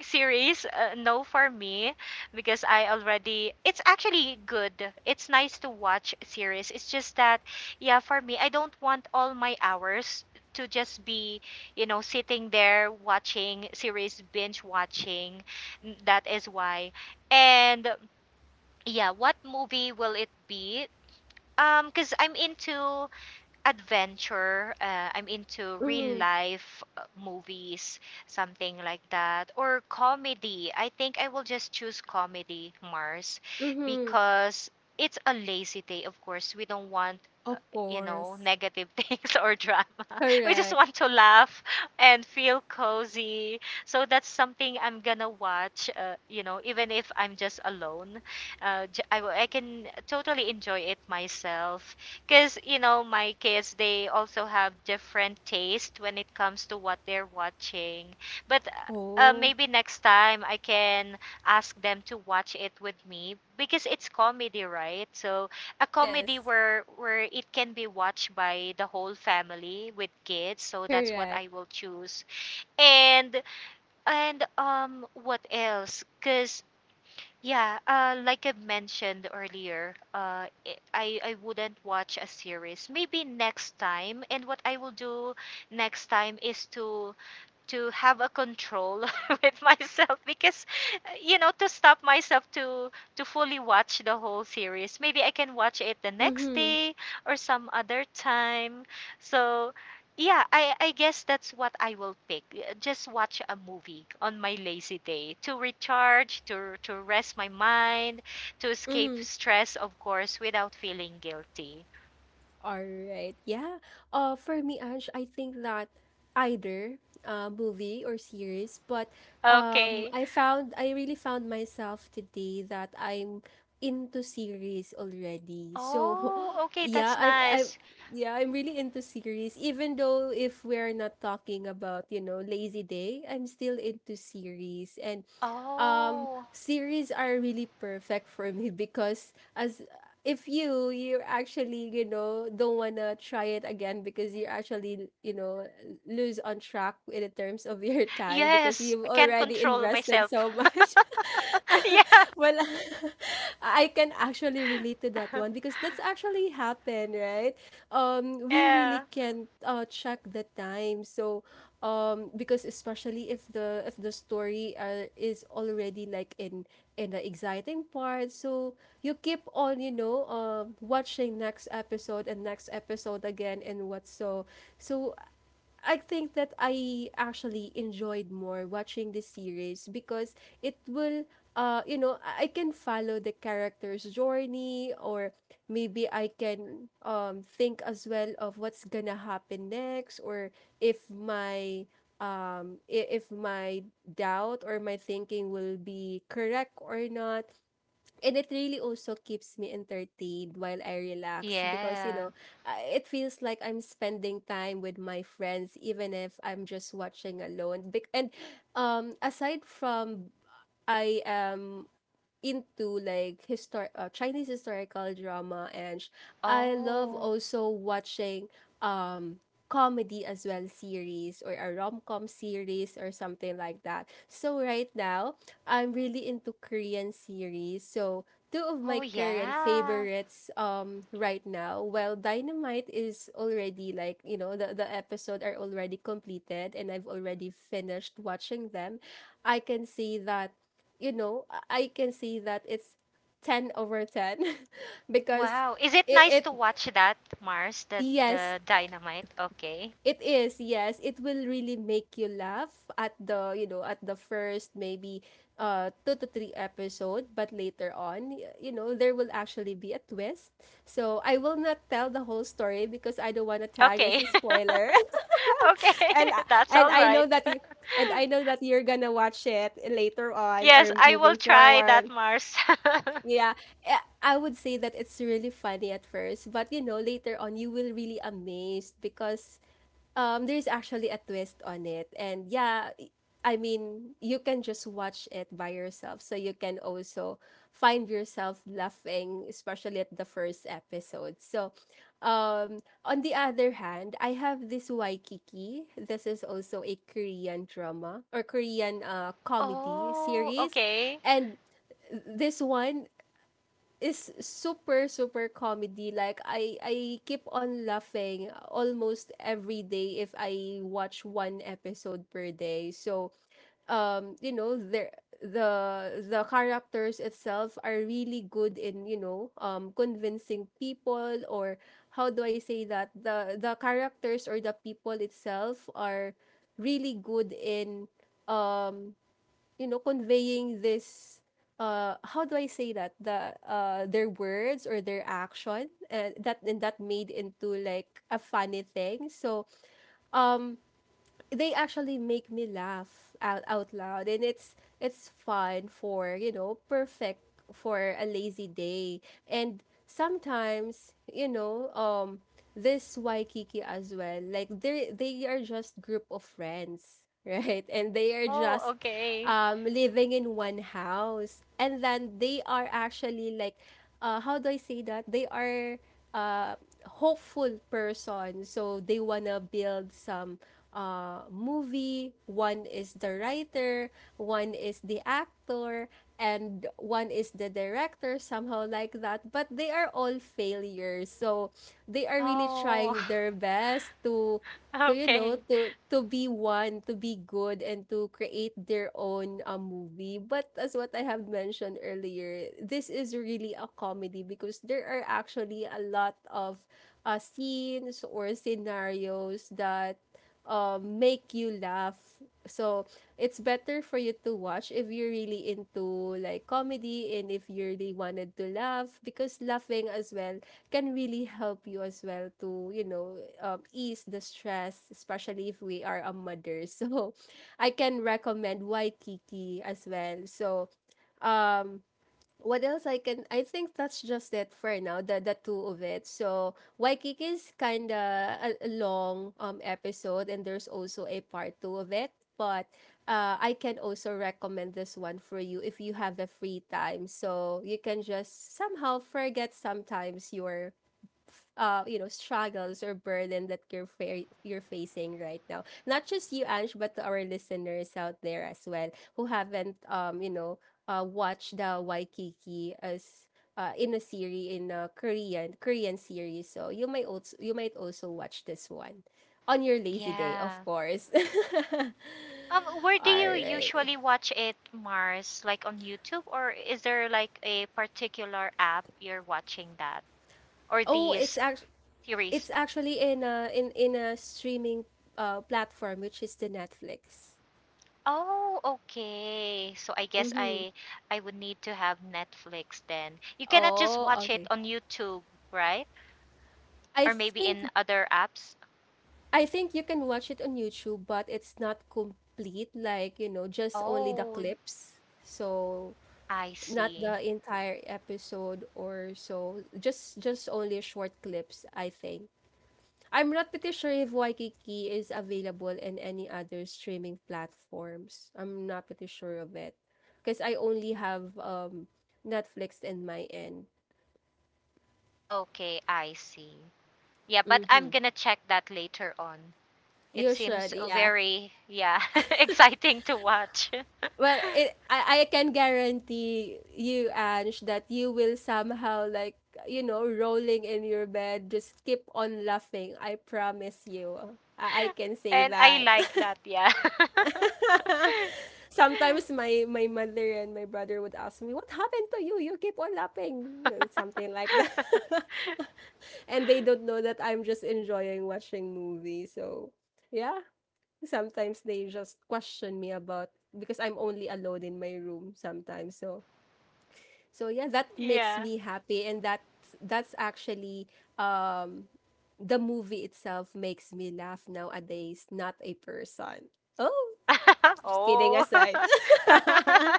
Speaker 2: series, uh, no for me, because I already, it's actually good. It's nice to watch series. It's just that, yeah, for me, I don't want all my hours to just be, you know, sitting there watching series, binge watching. N- That is why. And yeah, what movie will it be? Um, because I'm into adventure, uh, I'm into real
Speaker 1: Mhm.
Speaker 2: life uh, movies, something like that, or comedy. I think I will just choose comedy, Mars,
Speaker 1: Mhm.
Speaker 2: because it's a lazy day, of course. We don't want,
Speaker 1: Of
Speaker 2: you know,
Speaker 1: course.
Speaker 2: negative [laughs] things or drama. We just
Speaker 1: Correct.
Speaker 2: want to laugh and feel cozy. So that's something I'm gonna watch, uh, you know, even if I'm just alone. Uh, j- I, w- I can totally enjoy it myself. Because, you know, my kids, they also have different taste when it comes to what they're watching. But uh,
Speaker 1: Oh,
Speaker 2: maybe next time I can ask them to watch it with me because it's comedy, right? So a comedy
Speaker 1: yes.
Speaker 2: where where it can be watched by the whole family with kids, so that's what
Speaker 1: Correct.
Speaker 2: I will choose. And and um what else? Because yeah, uh like I mentioned earlier, uh i i I wouldn't watch a series maybe next time, and what I will do next time is to to have a control [laughs] with myself. Because uh, you know, to stop myself to to fully watch the whole series, maybe I can watch it the next
Speaker 1: Mhm.
Speaker 2: day or some other time. So yeah, i i guess that's what I will pick. Uh, just watch a movie on my lazy day to recharge, to to rest my mind, to escape
Speaker 1: Mhm.
Speaker 2: stress, of course, without feeling guilty.
Speaker 1: All right. Yeah. Uh, for me, Ange, I think that either uh, movie or series, but um,
Speaker 2: Okay.
Speaker 1: I found I really found myself today that I'm into series already. So, [laughs]
Speaker 2: Oh, okay,
Speaker 1: yeah,
Speaker 2: that's
Speaker 1: I I
Speaker 2: nice.
Speaker 1: yeah, I'm really into series. Even though if we're not talking about you know lazy day, I'm still into series, and um
Speaker 2: Oh.
Speaker 1: series are really perfect for me [laughs] because as if you you actually you know don't wanna try it again because you actually you know lose on track in the terms of [laughs] your time because
Speaker 2: Yes,
Speaker 1: you've
Speaker 2: I can't
Speaker 1: already
Speaker 2: control
Speaker 1: invested
Speaker 2: myself.
Speaker 1: so much [laughs]
Speaker 2: [laughs] Yeah.
Speaker 1: [laughs] well, [laughs] I can actually relate to that one because that's actually happened, right? Um, we really
Speaker 2: Yeah.
Speaker 1: can't uh, check the time. So, um, because especially if the if the story uh, is already like in in the exciting part, so you keep on, you know, um, watching next episode and next episode again and what so. So I think that I actually enjoyed more watching the series because it will uh you know I I can follow the character's journey or maybe I can um think as well of what's gonna happen next or if my um I- if my doubt or my thinking will be correct or not. And it really also keeps me entertained while I relax because, you
Speaker 2: Yeah.
Speaker 1: know, I- it feels like I'm spending time with my friends even if I'm just watching alone. Bec- And um aside from I am into like histor uh, Chinese historical drama and sh- I love
Speaker 2: Oh.
Speaker 1: also watching um comedy as well, series or a rom-com series or something like that. So right now, I'm really into Korean series. So two of my
Speaker 2: Oh,
Speaker 1: current
Speaker 2: yeah.
Speaker 1: favorites um right now, well, Dynamite is already like, you know, the the episode are already completed and I've already finished watching them. I can say that you know, I can see that it's ten over ten [laughs] because
Speaker 2: Wow. Is it
Speaker 1: it,
Speaker 2: nice
Speaker 1: it
Speaker 2: to watch that, Mars? The
Speaker 1: yes,
Speaker 2: the dynamite? Okay.
Speaker 1: it is. Yes, it will really make you laugh at the, you know, at the first maybe uh two to three episode, but later on, y- you know, there will actually be a twist. So, I will not tell the whole story because I don't want to tag as
Speaker 2: Okay.
Speaker 1: a spoiler.
Speaker 2: [laughs] Okay.
Speaker 1: [laughs] and I-
Speaker 2: [laughs] That's
Speaker 1: and
Speaker 2: all
Speaker 1: I know
Speaker 2: right.
Speaker 1: that
Speaker 2: [laughs]
Speaker 1: you and I know that you're gonna watch it later on
Speaker 2: Yes,
Speaker 1: or
Speaker 2: I will
Speaker 1: moving
Speaker 2: try that,
Speaker 1: forward.
Speaker 2: Mars. [laughs]
Speaker 1: Yeah, eh, I would say that it's really funny at first, but you know, later on you will really amazed because um there's actually a twist on it. And yeah, i- I mean, you can just watch it by yourself, so you can also find yourself laughing, especially at the first episode. So, um on the other hand, I have this Waikiki. This is also a Korean drama or Korean uh comedy
Speaker 2: Oh,
Speaker 1: series,
Speaker 2: okay.
Speaker 1: and this one is super super comedy, like I I keep on laughing almost every day if I watch one episode per day. So um you know, there, the the characters itself are really good in you know um convincing people or how do I say that, the the characters or the people itself are really good in you know conveying this uh how do I say that, the uh their words or their action, and that and that made into like a funny thing. So they actually make me laugh out, out loud, and it's it's fun for you know perfect for a lazy day. And sometimes you know um this Waikiki as well, like they they are just group of friends [laughs] right, and they are
Speaker 2: Oh,
Speaker 1: just
Speaker 2: okay.
Speaker 1: um living in one house, and then they are actually like uh how do I say that, they are uh, hopeful person. So they wanna build some uh, movie. One is the writer, one is the actor, and one is the director, somehow like that. But they are all failures. So they are really
Speaker 2: Oh,
Speaker 1: trying their best to. So
Speaker 2: [laughs]
Speaker 1: you know,
Speaker 2: okay.
Speaker 1: to to be one, to be good, and to create their own uh, movie. But as what I have mentioned earlier, this is really a comedy because there are actually a lot of uh, scenes or scenarios that um, make you laugh. So it's better for you to watch if you're really into like comedy and if you really wanted to laugh, because laughing as well can really help you as well to you know um, ease the stress, especially if we are a mother. [laughs] So I can recommend Waikiki as well. So um what else I can, I think that's just it for now, the the two of it. So Waikiki is kinda a, a long um episode, and there's also a part two of it, but uh, I can also recommend this one for you if you have a free time, so you can just somehow forget sometimes your uh you know struggles or burden that you're fa- you're facing right now, not just you Ange, but to our listeners out there as well who haven't um you know uh watched the Waikiki as uh, in a series, in a Korean Korean series. So you might also, you might also watch this one on your lazy day, of
Speaker 2: Yeah.
Speaker 1: course. [laughs]
Speaker 2: Um, where do
Speaker 1: All
Speaker 2: you
Speaker 1: right.
Speaker 2: usually watch it, Mars? Like on YouTube, or is there like a particular app you're watching that or
Speaker 1: Oh, it's
Speaker 2: these
Speaker 1: actually,
Speaker 2: series?
Speaker 1: it's actually in a in in a streaming uh platform, which is the Netflix.
Speaker 2: Oh, okay. So I guess
Speaker 1: Mhm.
Speaker 2: I I would need to have Netflix then. You cannot just
Speaker 1: Oh,
Speaker 2: watch it
Speaker 1: okay.
Speaker 2: on YouTube, right?
Speaker 1: I
Speaker 2: Or maybe
Speaker 1: think
Speaker 2: in other apps.
Speaker 1: I think you can watch it on YouTube, but it's not complete, like, you know, just only the
Speaker 2: Oh,
Speaker 1: clips. So
Speaker 2: I
Speaker 1: not
Speaker 2: see.
Speaker 1: the entire episode or so. Just just only short clips, I think. I'm not pretty sure if Waikiki is available in any other streaming platforms. I'm not pretty sure of it. Because I only have um Netflix in my end.
Speaker 2: Okay, I see. Yeah, but I'm
Speaker 1: Mm-hmm.
Speaker 2: gonna check that later on. It
Speaker 1: You should,
Speaker 2: seems
Speaker 1: yeah.
Speaker 2: very, yeah, [laughs] exciting to watch. [laughs]
Speaker 1: Well, it, I, I can guarantee you, Ange, that you will somehow like, you know, rolling in your bed just keep on laughing. I promise you, I, I can say
Speaker 2: And I
Speaker 1: that.
Speaker 2: like that, yeah. [laughs]
Speaker 1: [laughs] Sometimes my my mother and my brother would ask me, what happened to you, you keep on laughing, and something like that. [laughs] And they don't know that I'm just enjoying watching movies. So yeah. Sometimes they just question me about, because I'm only alone in my room sometimes. So so yeah, that makes
Speaker 2: Yeah.
Speaker 1: me happy, and that that's actually um the movie itself makes me laugh nowadays, not a person. Oh,
Speaker 2: [laughs]
Speaker 1: just kidding
Speaker 2: Oh.
Speaker 1: aside.
Speaker 2: [laughs]
Speaker 1: [laughs]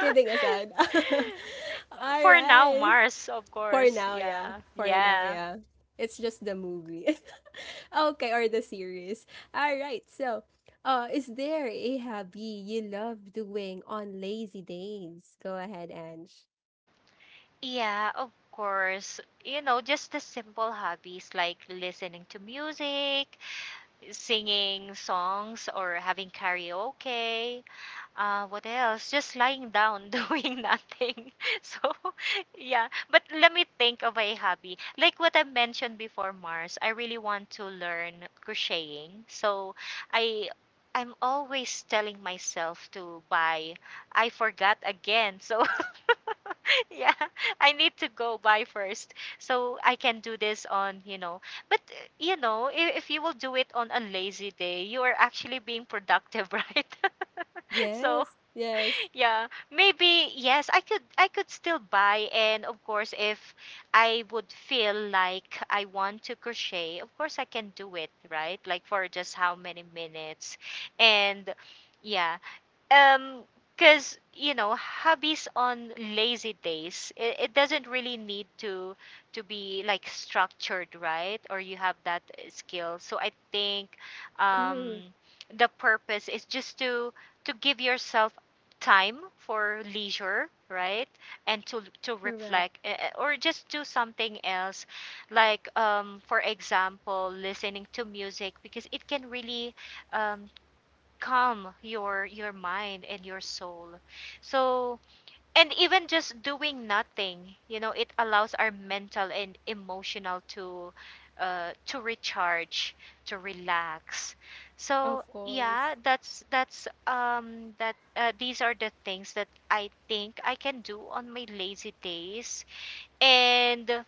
Speaker 1: Kidding aside. [laughs] All
Speaker 2: For now,
Speaker 1: right.
Speaker 2: Mars, of
Speaker 1: For
Speaker 2: course.
Speaker 1: now, yeah.
Speaker 2: Yeah.
Speaker 1: For now,
Speaker 2: Yeah.
Speaker 1: yeah. It's just the movie. [laughs] Okay, or the series. All right. So, uh, is there a hobby you love doing on lazy days? Go ahead, Ange.
Speaker 2: Yeah, of course. You know, just the simple hobbies like listening to music, singing songs, or having karaoke. Uh, what else? Just lying down, [laughs] doing nothing. [laughs] So, yeah. But let me think of a hobby. Like what I mentioned before, Mars, I really want to learn crocheting. So, I I'm always telling myself to buy. I forgot again. So, [laughs] yeah, I need to go buy first so I can do this on, you know. But uh, you know, if, if you will do it on a lazy day, you are actually being productive, [laughs] right? [laughs] so
Speaker 1: Yes. Yes.
Speaker 2: yeah maybe yes, I could, i could still buy. And of course, if I would feel like I want to crochet, of course I can do it, right? Like for just how many minutes. And yeah um because you know, hobbies on lazy days, it, it doesn't really need to to be like structured, right? Or you have that uh, skill. So I think um
Speaker 1: Mm-hmm.
Speaker 2: the purpose is just to to give yourself time for leisure, right? And to to
Speaker 1: Correct.
Speaker 2: reflect, uh, uh, or just do something else, like um for example listening to music, because it can really um calm your your mind and your soul. So, and even just doing nothing, you know, it allows our mental and emotional to uh, to recharge, to relax. So
Speaker 1: Of course.
Speaker 2: yeah, that's that's um that uh, these are the things that I think I can do on my lazy days. And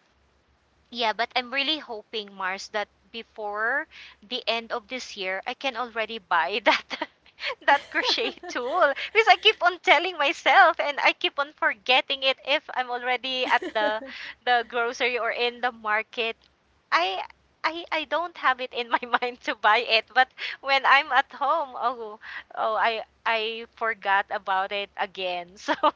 Speaker 2: yeah, but I'm really hoping, Mars, that before the end of this year, I can already buy that [laughs] that
Speaker 1: [laughs]
Speaker 2: crochet tool, because I keep on telling myself and I keep on forgetting it if I'm already at the the grocery or in the market. I I I don't have it in my [laughs] mind to buy it, but when I'm at home, oh oh I I forgot about it again. [laughs] So [laughs]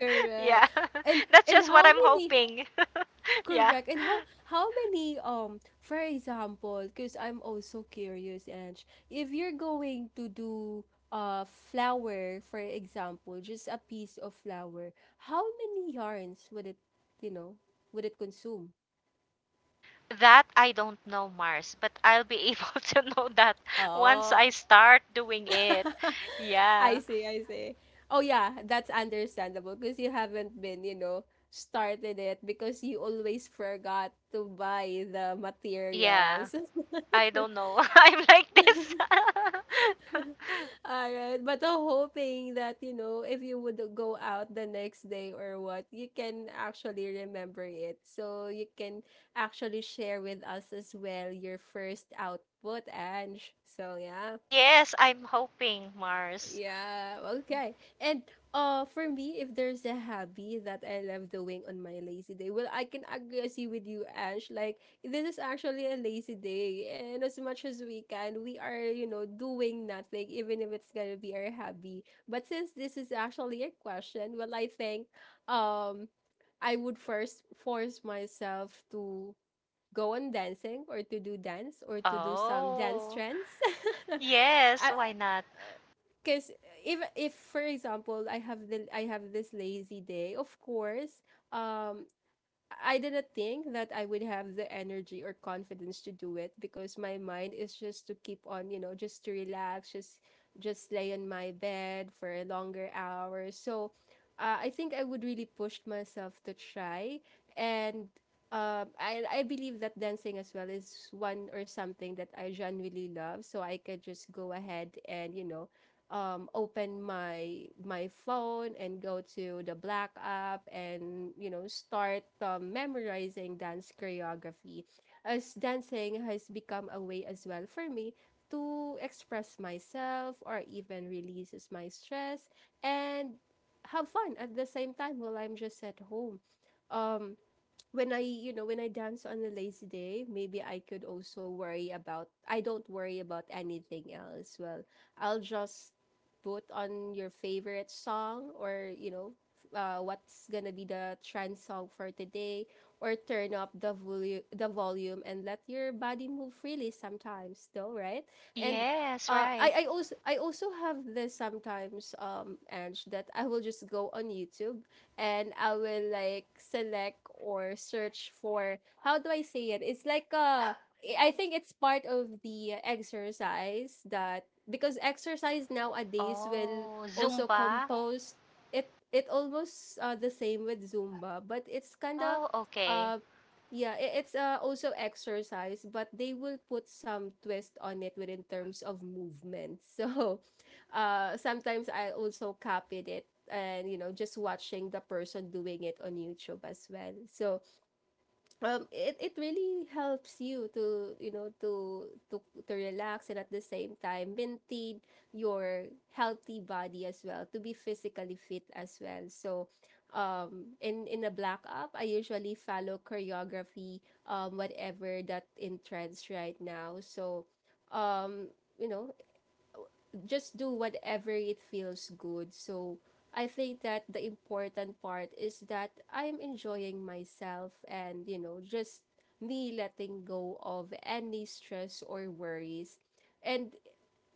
Speaker 1: Correct.
Speaker 2: yeah.
Speaker 1: And
Speaker 2: [laughs] That's
Speaker 1: and
Speaker 2: just what
Speaker 1: how
Speaker 2: I'm
Speaker 1: many
Speaker 2: hoping. [laughs] Yeah.
Speaker 1: Correct. And how how many um for example, because I'm also curious, Ange, if you're going to do uh flower, for example, just a piece of flower, how many yarns would it, you know, would it consume?
Speaker 2: That I don't know, Mars, but I'll be able [laughs] to know that once I
Speaker 1: Oh.
Speaker 2: start doing it.
Speaker 1: [laughs] I
Speaker 2: Yeah.
Speaker 1: see, I see. Oh yeah, that's understandable because you haven't been, you know, started it because you always forgot to buy the
Speaker 2: Yeah.
Speaker 1: materials. [laughs]
Speaker 2: I don't know. [laughs] I'm like this. [laughs]
Speaker 1: All right, but I'm hoping that you know if you would go out the next day or what, you can actually remember it. So you can actually share with us as well your first output, Ange. So yeah.
Speaker 2: Yes, I'm hoping, Mars.
Speaker 1: Yeah, okay. And uh for me, if there's a hobby that I love doing on my lazy day, well, I can agree as you with you, Ash. Like this is actually a lazy day, and as much as we can, we are, you know, doing nothing, even if it's gonna be our hobby. But since this is actually a question, well, I think um I would first force myself to go on dancing or to do dance or to do some dance
Speaker 2: Oh.
Speaker 1: trends.
Speaker 2: Yes,
Speaker 1: [laughs]
Speaker 2: why not?
Speaker 1: Because if if for example I have the I have this lazy day, of course, um, I didn't think that I would have the energy or confidence to do it because my mind is just to keep on, you know, just to relax, just just lay on my bed for a longer hours. So, uh, I think I would really push myself to try, and um, I I believe that dancing as well is one or something that I genuinely love. So I could just go ahead and you know um, open my my phone and go to the black app and you know start um, memorizing dance choreography as dancing has become a way as well for me to express myself or even releases my stress and have fun at the same time while I'm just at home um when I, you know, when I dance on a lazy day, maybe I could also worry about, I don't worry about anything else. Well, I'll just put on your favorite song or, you know, uh, what's gonna be the trend song for today, or turn up the, volu- the volume and let your body move freely sometimes though, right? And
Speaker 2: Yes,
Speaker 1: uh,
Speaker 2: right.
Speaker 1: I, I also I also have this sometimes, um Ange, that I will just go on YouTube and I will like select or search for, how do I say it? It's like a, I think it's part of the exercise, that because exercise nowadays will
Speaker 2: Oh,
Speaker 1: also
Speaker 2: Zumba.
Speaker 1: compose it, it almost, uh, the same with Zumba, but it's kind of,
Speaker 2: Oh, okay.
Speaker 1: uh yeah, I- it's uh, also exercise, but they will put some twist on it within terms of movement. [laughs] So uh sometimes I also copied it and, you know, just watching the person doing it on YouTube as well. So um it, it really helps you to, you know, to to to relax and at the same time maintain your healthy body as well, to be physically fit as well. So um in in a black up, I usually follow choreography, um whatever that in trends right now. So, um you know, just do whatever it feels good. So I think that the important part is that I'm enjoying myself and, you know, just me letting go of any stress or worries. And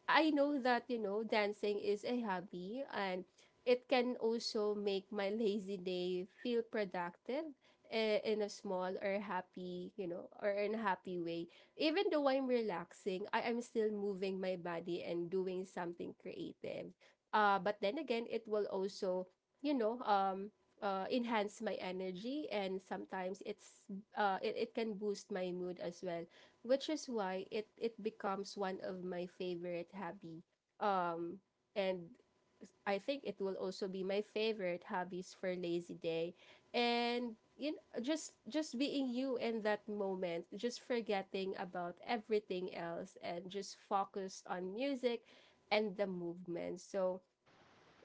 Speaker 1: I know that, you know, dancing is a hobby and it can also make my lazy day feel productive, eh, in a small or happy, you know, or in a happy way. Even though I'm relaxing, I am still moving my body and doing something creative. Uh, but then again, it will also, you know, um, uh, enhance my energy, and sometimes it's uh, it, it can boost my mood as well, which is why it it becomes one of my favorite hobby. Um and I think it will also be my favorite hobbies for lazy day. And, you know, just just being you in that moment, just forgetting about everything else and just focused on music and the movement. So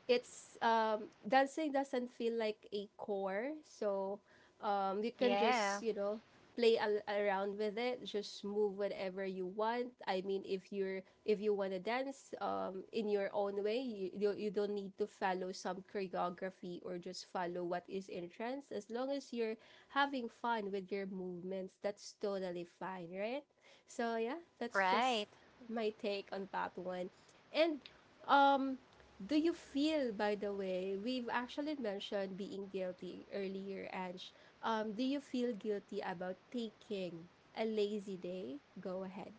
Speaker 1: it's, um dancing doesn't feel like a core. So, um you can just,
Speaker 2: Yeah,
Speaker 1: you know, play al- around with it, just move whatever you want. I mean, if you're if you want to dance, um in your own way, you, you you don't need to follow some choreography or just follow what is in trends, as long as you're having fun with your movements, that's totally fine, right? So yeah, that's just
Speaker 2: right.
Speaker 1: my take on that one. And, um do you feel, by the way, we've actually mentioned being guilty earlier, Ange. Um, do you feel guilty about taking a lazy day? Go ahead.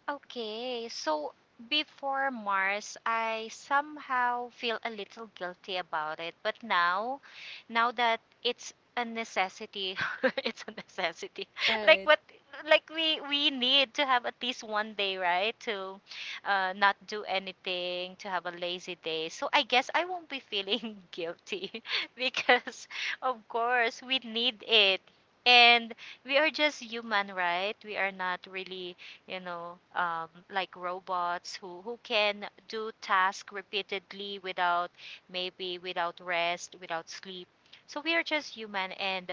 Speaker 2: Okay, so before, Mars, I somehow feel a little guilty about it. But now, now that it's a necessity, [laughs] it's a necessity. [laughs] Like
Speaker 1: Right.
Speaker 2: what, like we we need to have at least one day, right? To uh, not do anything, to have a lazy day. So I guess I won't be feeling [laughs] guilty [laughs] because, of course, we need it. And we are just human, right? We are not really, you know, um, like robots who, who can do tasks repeatedly without, maybe without rest, without sleep. So we are just human, and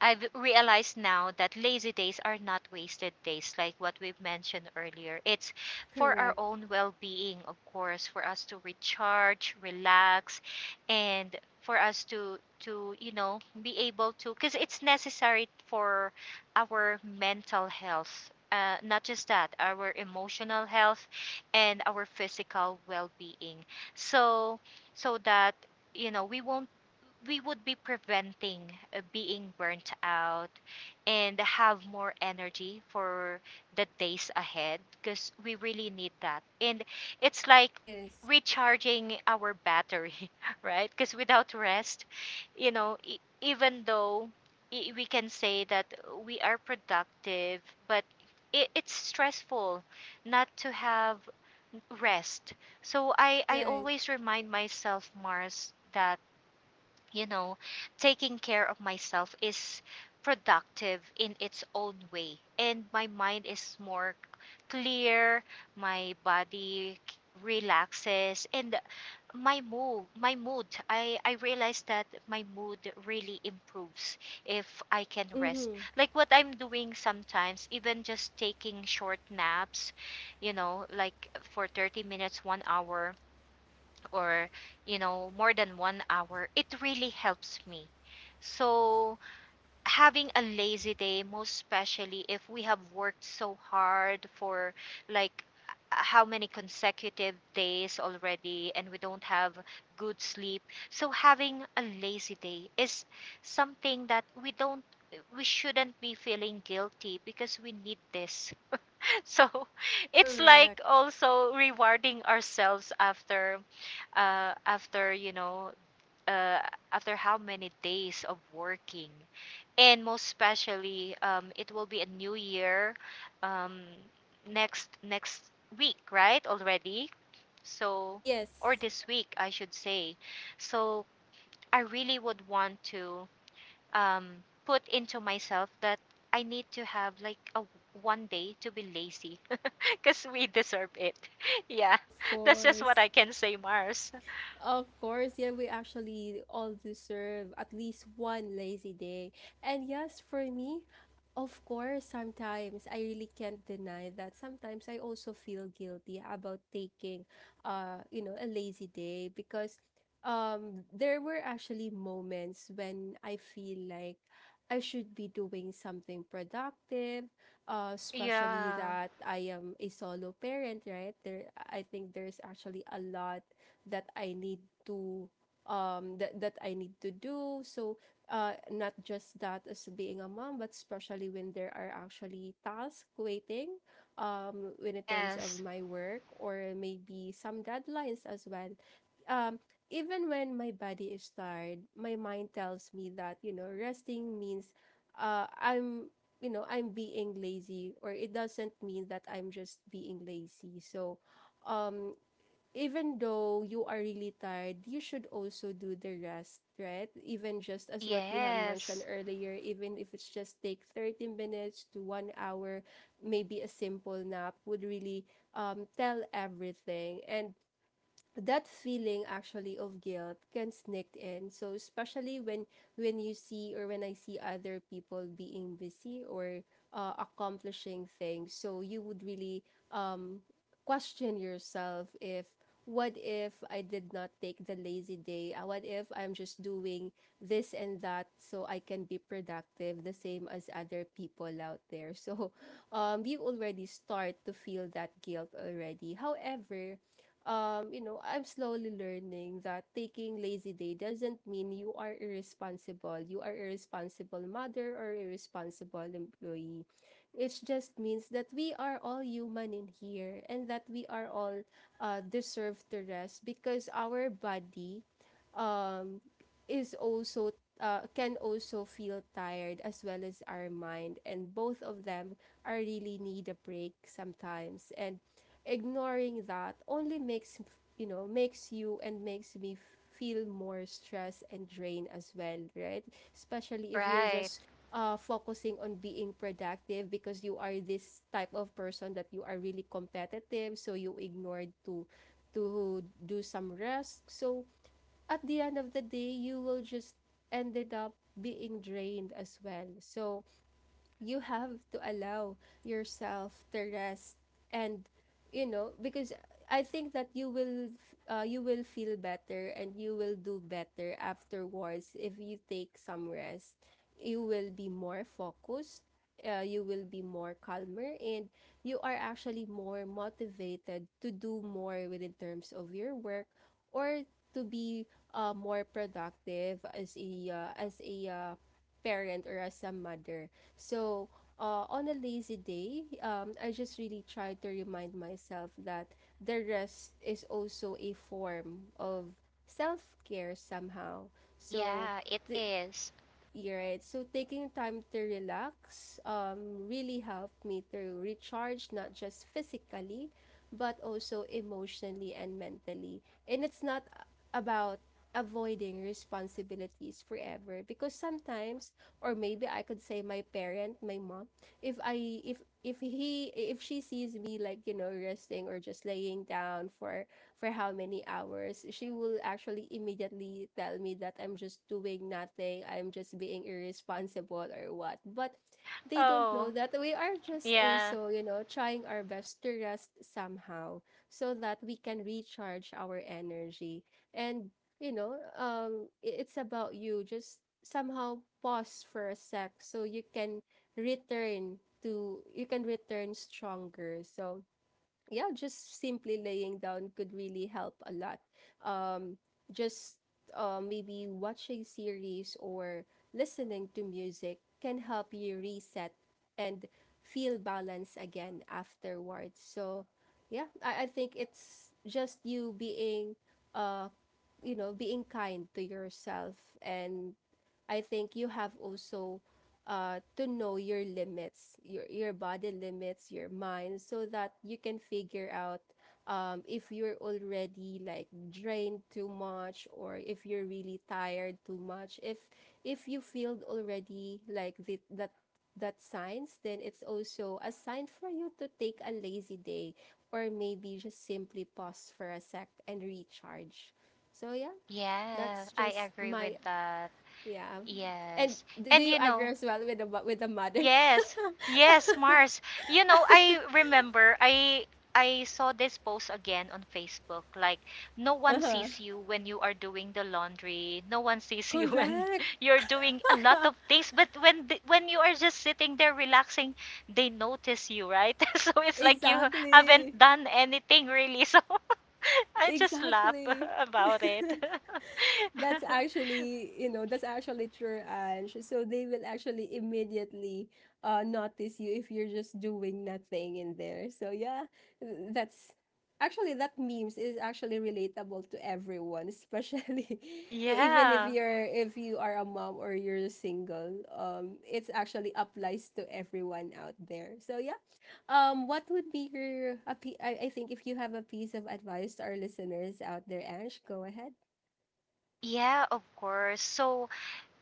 Speaker 2: I've realized now that lazy days are not wasted days, like what we've mentioned earlier. It's for our
Speaker 1: Correct.
Speaker 2: own well being, of course, for us to recharge, relax, and for us to to you know, be able to, because it's necessary for our mental health, uh, not just that, our emotional health and our physical well-being. So, so that, you know, we won't, we would be preventing uh, being burnt out, and have more energy for the days ahead, because we really need that. And it's like
Speaker 1: Yes.
Speaker 2: recharging our battery, [laughs] right? Because without rest, you know, e- even though i- we can say that we are productive, but it, it's stressful not to have rest. So I, I
Speaker 1: Right.
Speaker 2: always remind myself, Mars, that you know, taking care of myself is productive in its own way. And my mind is more clear, my body k- relaxes, and my mood my mood i i realize that my mood really improves if I can rest,
Speaker 1: Mm-hmm.
Speaker 2: like what I'm doing sometimes, even just taking short naps, you know, like for thirty minutes, one hour, or you know, more than one hour, it really helps me. So having a lazy day, most especially if we have worked so hard for, like uh, how many consecutive days already and we don't have good sleep, so having a lazy day is something that we don't, we shouldn't be feeling guilty, because we need this. [laughs] So it's like
Speaker 1: Correct.
Speaker 2: also rewarding ourselves after, uh, after you know, uh, after how many days of working. And most especially, um, it will be a new year, um, next next week, right, already. So, or
Speaker 1: Yes.
Speaker 2: this week I should say. So I really would want to, um, put into myself that I need to have like a one day to be lazy, [laughs] because we deserve it. [laughs] Yeah,
Speaker 1: Of
Speaker 2: that's just what I
Speaker 1: course.
Speaker 2: can say, Mars.
Speaker 1: Of course, yeah, we actually all deserve at least one lazy day. And yes, for me, of course, sometimes I really can't deny that sometimes I also feel guilty about taking, uh, you know, a lazy day, because um there were actually moments when I feel like I should be doing something productive, uh, especially
Speaker 2: Yeah.
Speaker 1: that I am a solo parent, right? There, I think there's actually a lot that I need to, um that that I need to do. So uh not just that as being a mom, but especially when there are actually tasks waiting, um when in terms
Speaker 2: Yes.
Speaker 1: of my work, or maybe some deadlines as well. Um Even when my body is tired, my mind tells me that, you know, resting means, uh I'm, you know, I'm being lazy, or it doesn't mean that I'm just being lazy. So, um even though you are really tired, you should also do the rest, right? Even just as what you have mentioned
Speaker 2: Yes.
Speaker 1: earlier, even if it's just take thirty minutes to one hour, maybe a simple nap would really, um, tell everything. And that feeling actually of guilt can sneak in, so especially when, when you see, or when I see other people being busy, or uh, accomplishing things, so you would really, um question yourself if, what if I did not take the lazy day? Uh, what if I'm just doing this and that so I can be productive the same as other people out there? So [laughs] um you already start to feel that guilt already. However, um, you know, I'm slowly learning that taking lazy day doesn't mean you are irresponsible. You are irresponsible mother or irresponsible employee. It just means that we are all human in here, and that we are all, uh, deserve to rest because our body, um, is also, uh, can also feel tired as well as our mind, and both of them are really need a break sometimes. And ignoring that only makes, you know makes you and makes me feel more stress and drain as well, right? Especially if you're
Speaker 2: Right.
Speaker 1: just, uh, focusing on being productive, because you are this type of person that you are really competitive, so you ignored to, to do some rest. So at the end of the day you will just ended up being drained as well. So you have to allow yourself to rest. And, you know, because I think that you will, uh, you will feel better and you will do better afterwards if you take some rest. You will be more focused, uh, you will be more calmer, and you are actually more motivated to do more within terms of your work, or to be, uh, more productive as a uh, as a uh, parent, or as a mother. So, uh, on a lazy day, um, I just really try to remind myself that the rest is also a form of self care somehow. So,
Speaker 2: Yeah, it
Speaker 1: th-
Speaker 2: is.
Speaker 1: you're right. So taking time to relax, um, really helped me to recharge, not just physically, but also emotionally and mentally. And it's not about avoiding responsibilities forever, because sometimes, or maybe I could say my parent, my mom, if I if if he if she sees me like, you know, resting or just laying down for, for how many hours, she will actually immediately tell me that I'm just doing nothing, I'm just being irresponsible or what. But they don't know
Speaker 2: Oh,
Speaker 1: that we are just
Speaker 2: yeah.
Speaker 1: also, you know, trying our best to rest somehow, so that we can recharge our energy. And, you know, um, i- it's about you. Just somehow pause for a sec so you can return to, you can return stronger. So, yeah, just simply laying down could really help a lot. Um, just, uh, maybe watching series or listening to music can help you reset and feel balance again afterwards. So, yeah, I, I think it's just you being, uh, you know, being kind to yourself. And I think you have also, uh, to know your limits, your your body limits, your mind, so that you can figure out, um, if you're already like drained too much, or if you're really tired too much. If, if you feel already like the, that that signs, then it's also a sign for you to take a lazy day, or maybe just simply pause for a sec and recharge. So yeah,
Speaker 2: Yeah,
Speaker 1: that's
Speaker 2: I
Speaker 1: just
Speaker 2: agree with
Speaker 1: my,
Speaker 2: that.
Speaker 1: yeah. And
Speaker 2: Yes.
Speaker 1: do do
Speaker 2: And
Speaker 1: you
Speaker 2: you
Speaker 1: agree
Speaker 2: know,
Speaker 1: as well with the mo- with the mother?
Speaker 2: yes. Yes, Mars. You know, I remember I I saw this post again on Facebook, like, no one sees you when you are doing the laundry. No one
Speaker 1: [laughs]
Speaker 2: sees you [laughs] when
Speaker 1: Correct.
Speaker 2: you're doing a lot of things, but when the, when you are just sitting there relaxing, they notice you, right? [laughs] So it's like you haven't
Speaker 1: Exactly.
Speaker 2: done anything really. So [laughs] I just laugh [laughs]
Speaker 1: Exactly.
Speaker 2: about it. [laughs]
Speaker 1: That's actually, you know, that's actually true, Ange. So they will actually immediately uh notice you if you're just doing nothing in there. So yeah, th- that's actually that memes is actually relatable to everyone, especially [laughs] e- even if
Speaker 2: Yeah.
Speaker 1: you're if you are a mom or you're single. Um, it's actually applies to everyone out there. So yeah, um, what would be your a pi- I I think if you have a piece of advice to our listeners out there, Ange, go ahead.
Speaker 2: Yeah, of course. So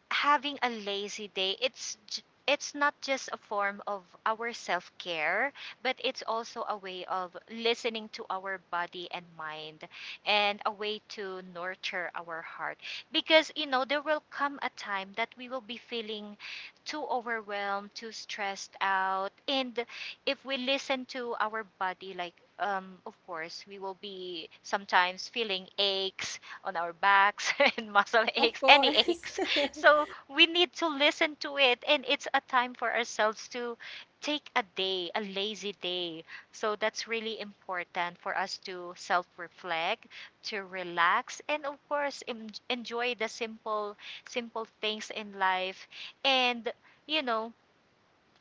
Speaker 2: having a lazy day, it's j- it's not just a form of our self-care, but it's also a way of listening to our body and mind, and a way to nurture our heart. Because you know, there will come a time that we will be feeling too overwhelmed, too stressed out, and if we listen to our body, like um, of course we will be sometimes feeling aches on our backs [laughs] and muscle
Speaker 1: Of
Speaker 2: aches, any
Speaker 1: course. [laughs]
Speaker 2: aches. So we need to listen to it. And it's a time for ourselves to take a day, a lazy day. So that's really important for us to self reflect, to relax, and of course, em- enjoy the simple, simple things in life. And, you know,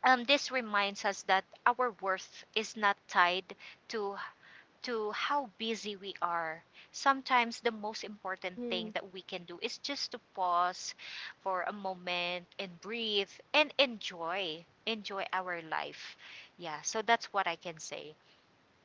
Speaker 2: um, this reminds us that our worth is not tied to to how busy we are. Sometimes the most important thing
Speaker 1: Mhm.
Speaker 2: that we can do is just to pause for a moment and breathe and enjoy enjoy our life. Yeah, so that's what I can say.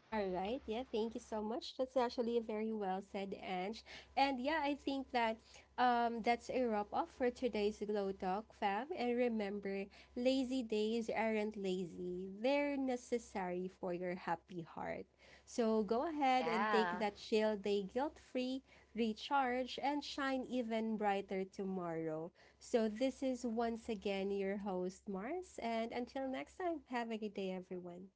Speaker 1: All right. Yeah, thank you so much. That's actually a very well said, Ange. And yeah, I think that, um that's a wrap up for today's Glow Talk, fam. And remember, lazy days aren't lazy. They're necessary for your happy heart. So go ahead and take
Speaker 2: Yeah.
Speaker 1: that chill day guilt-free, recharge, and shine even brighter tomorrow. So this is once again your host, Mars, and until next time, have a good day, everyone.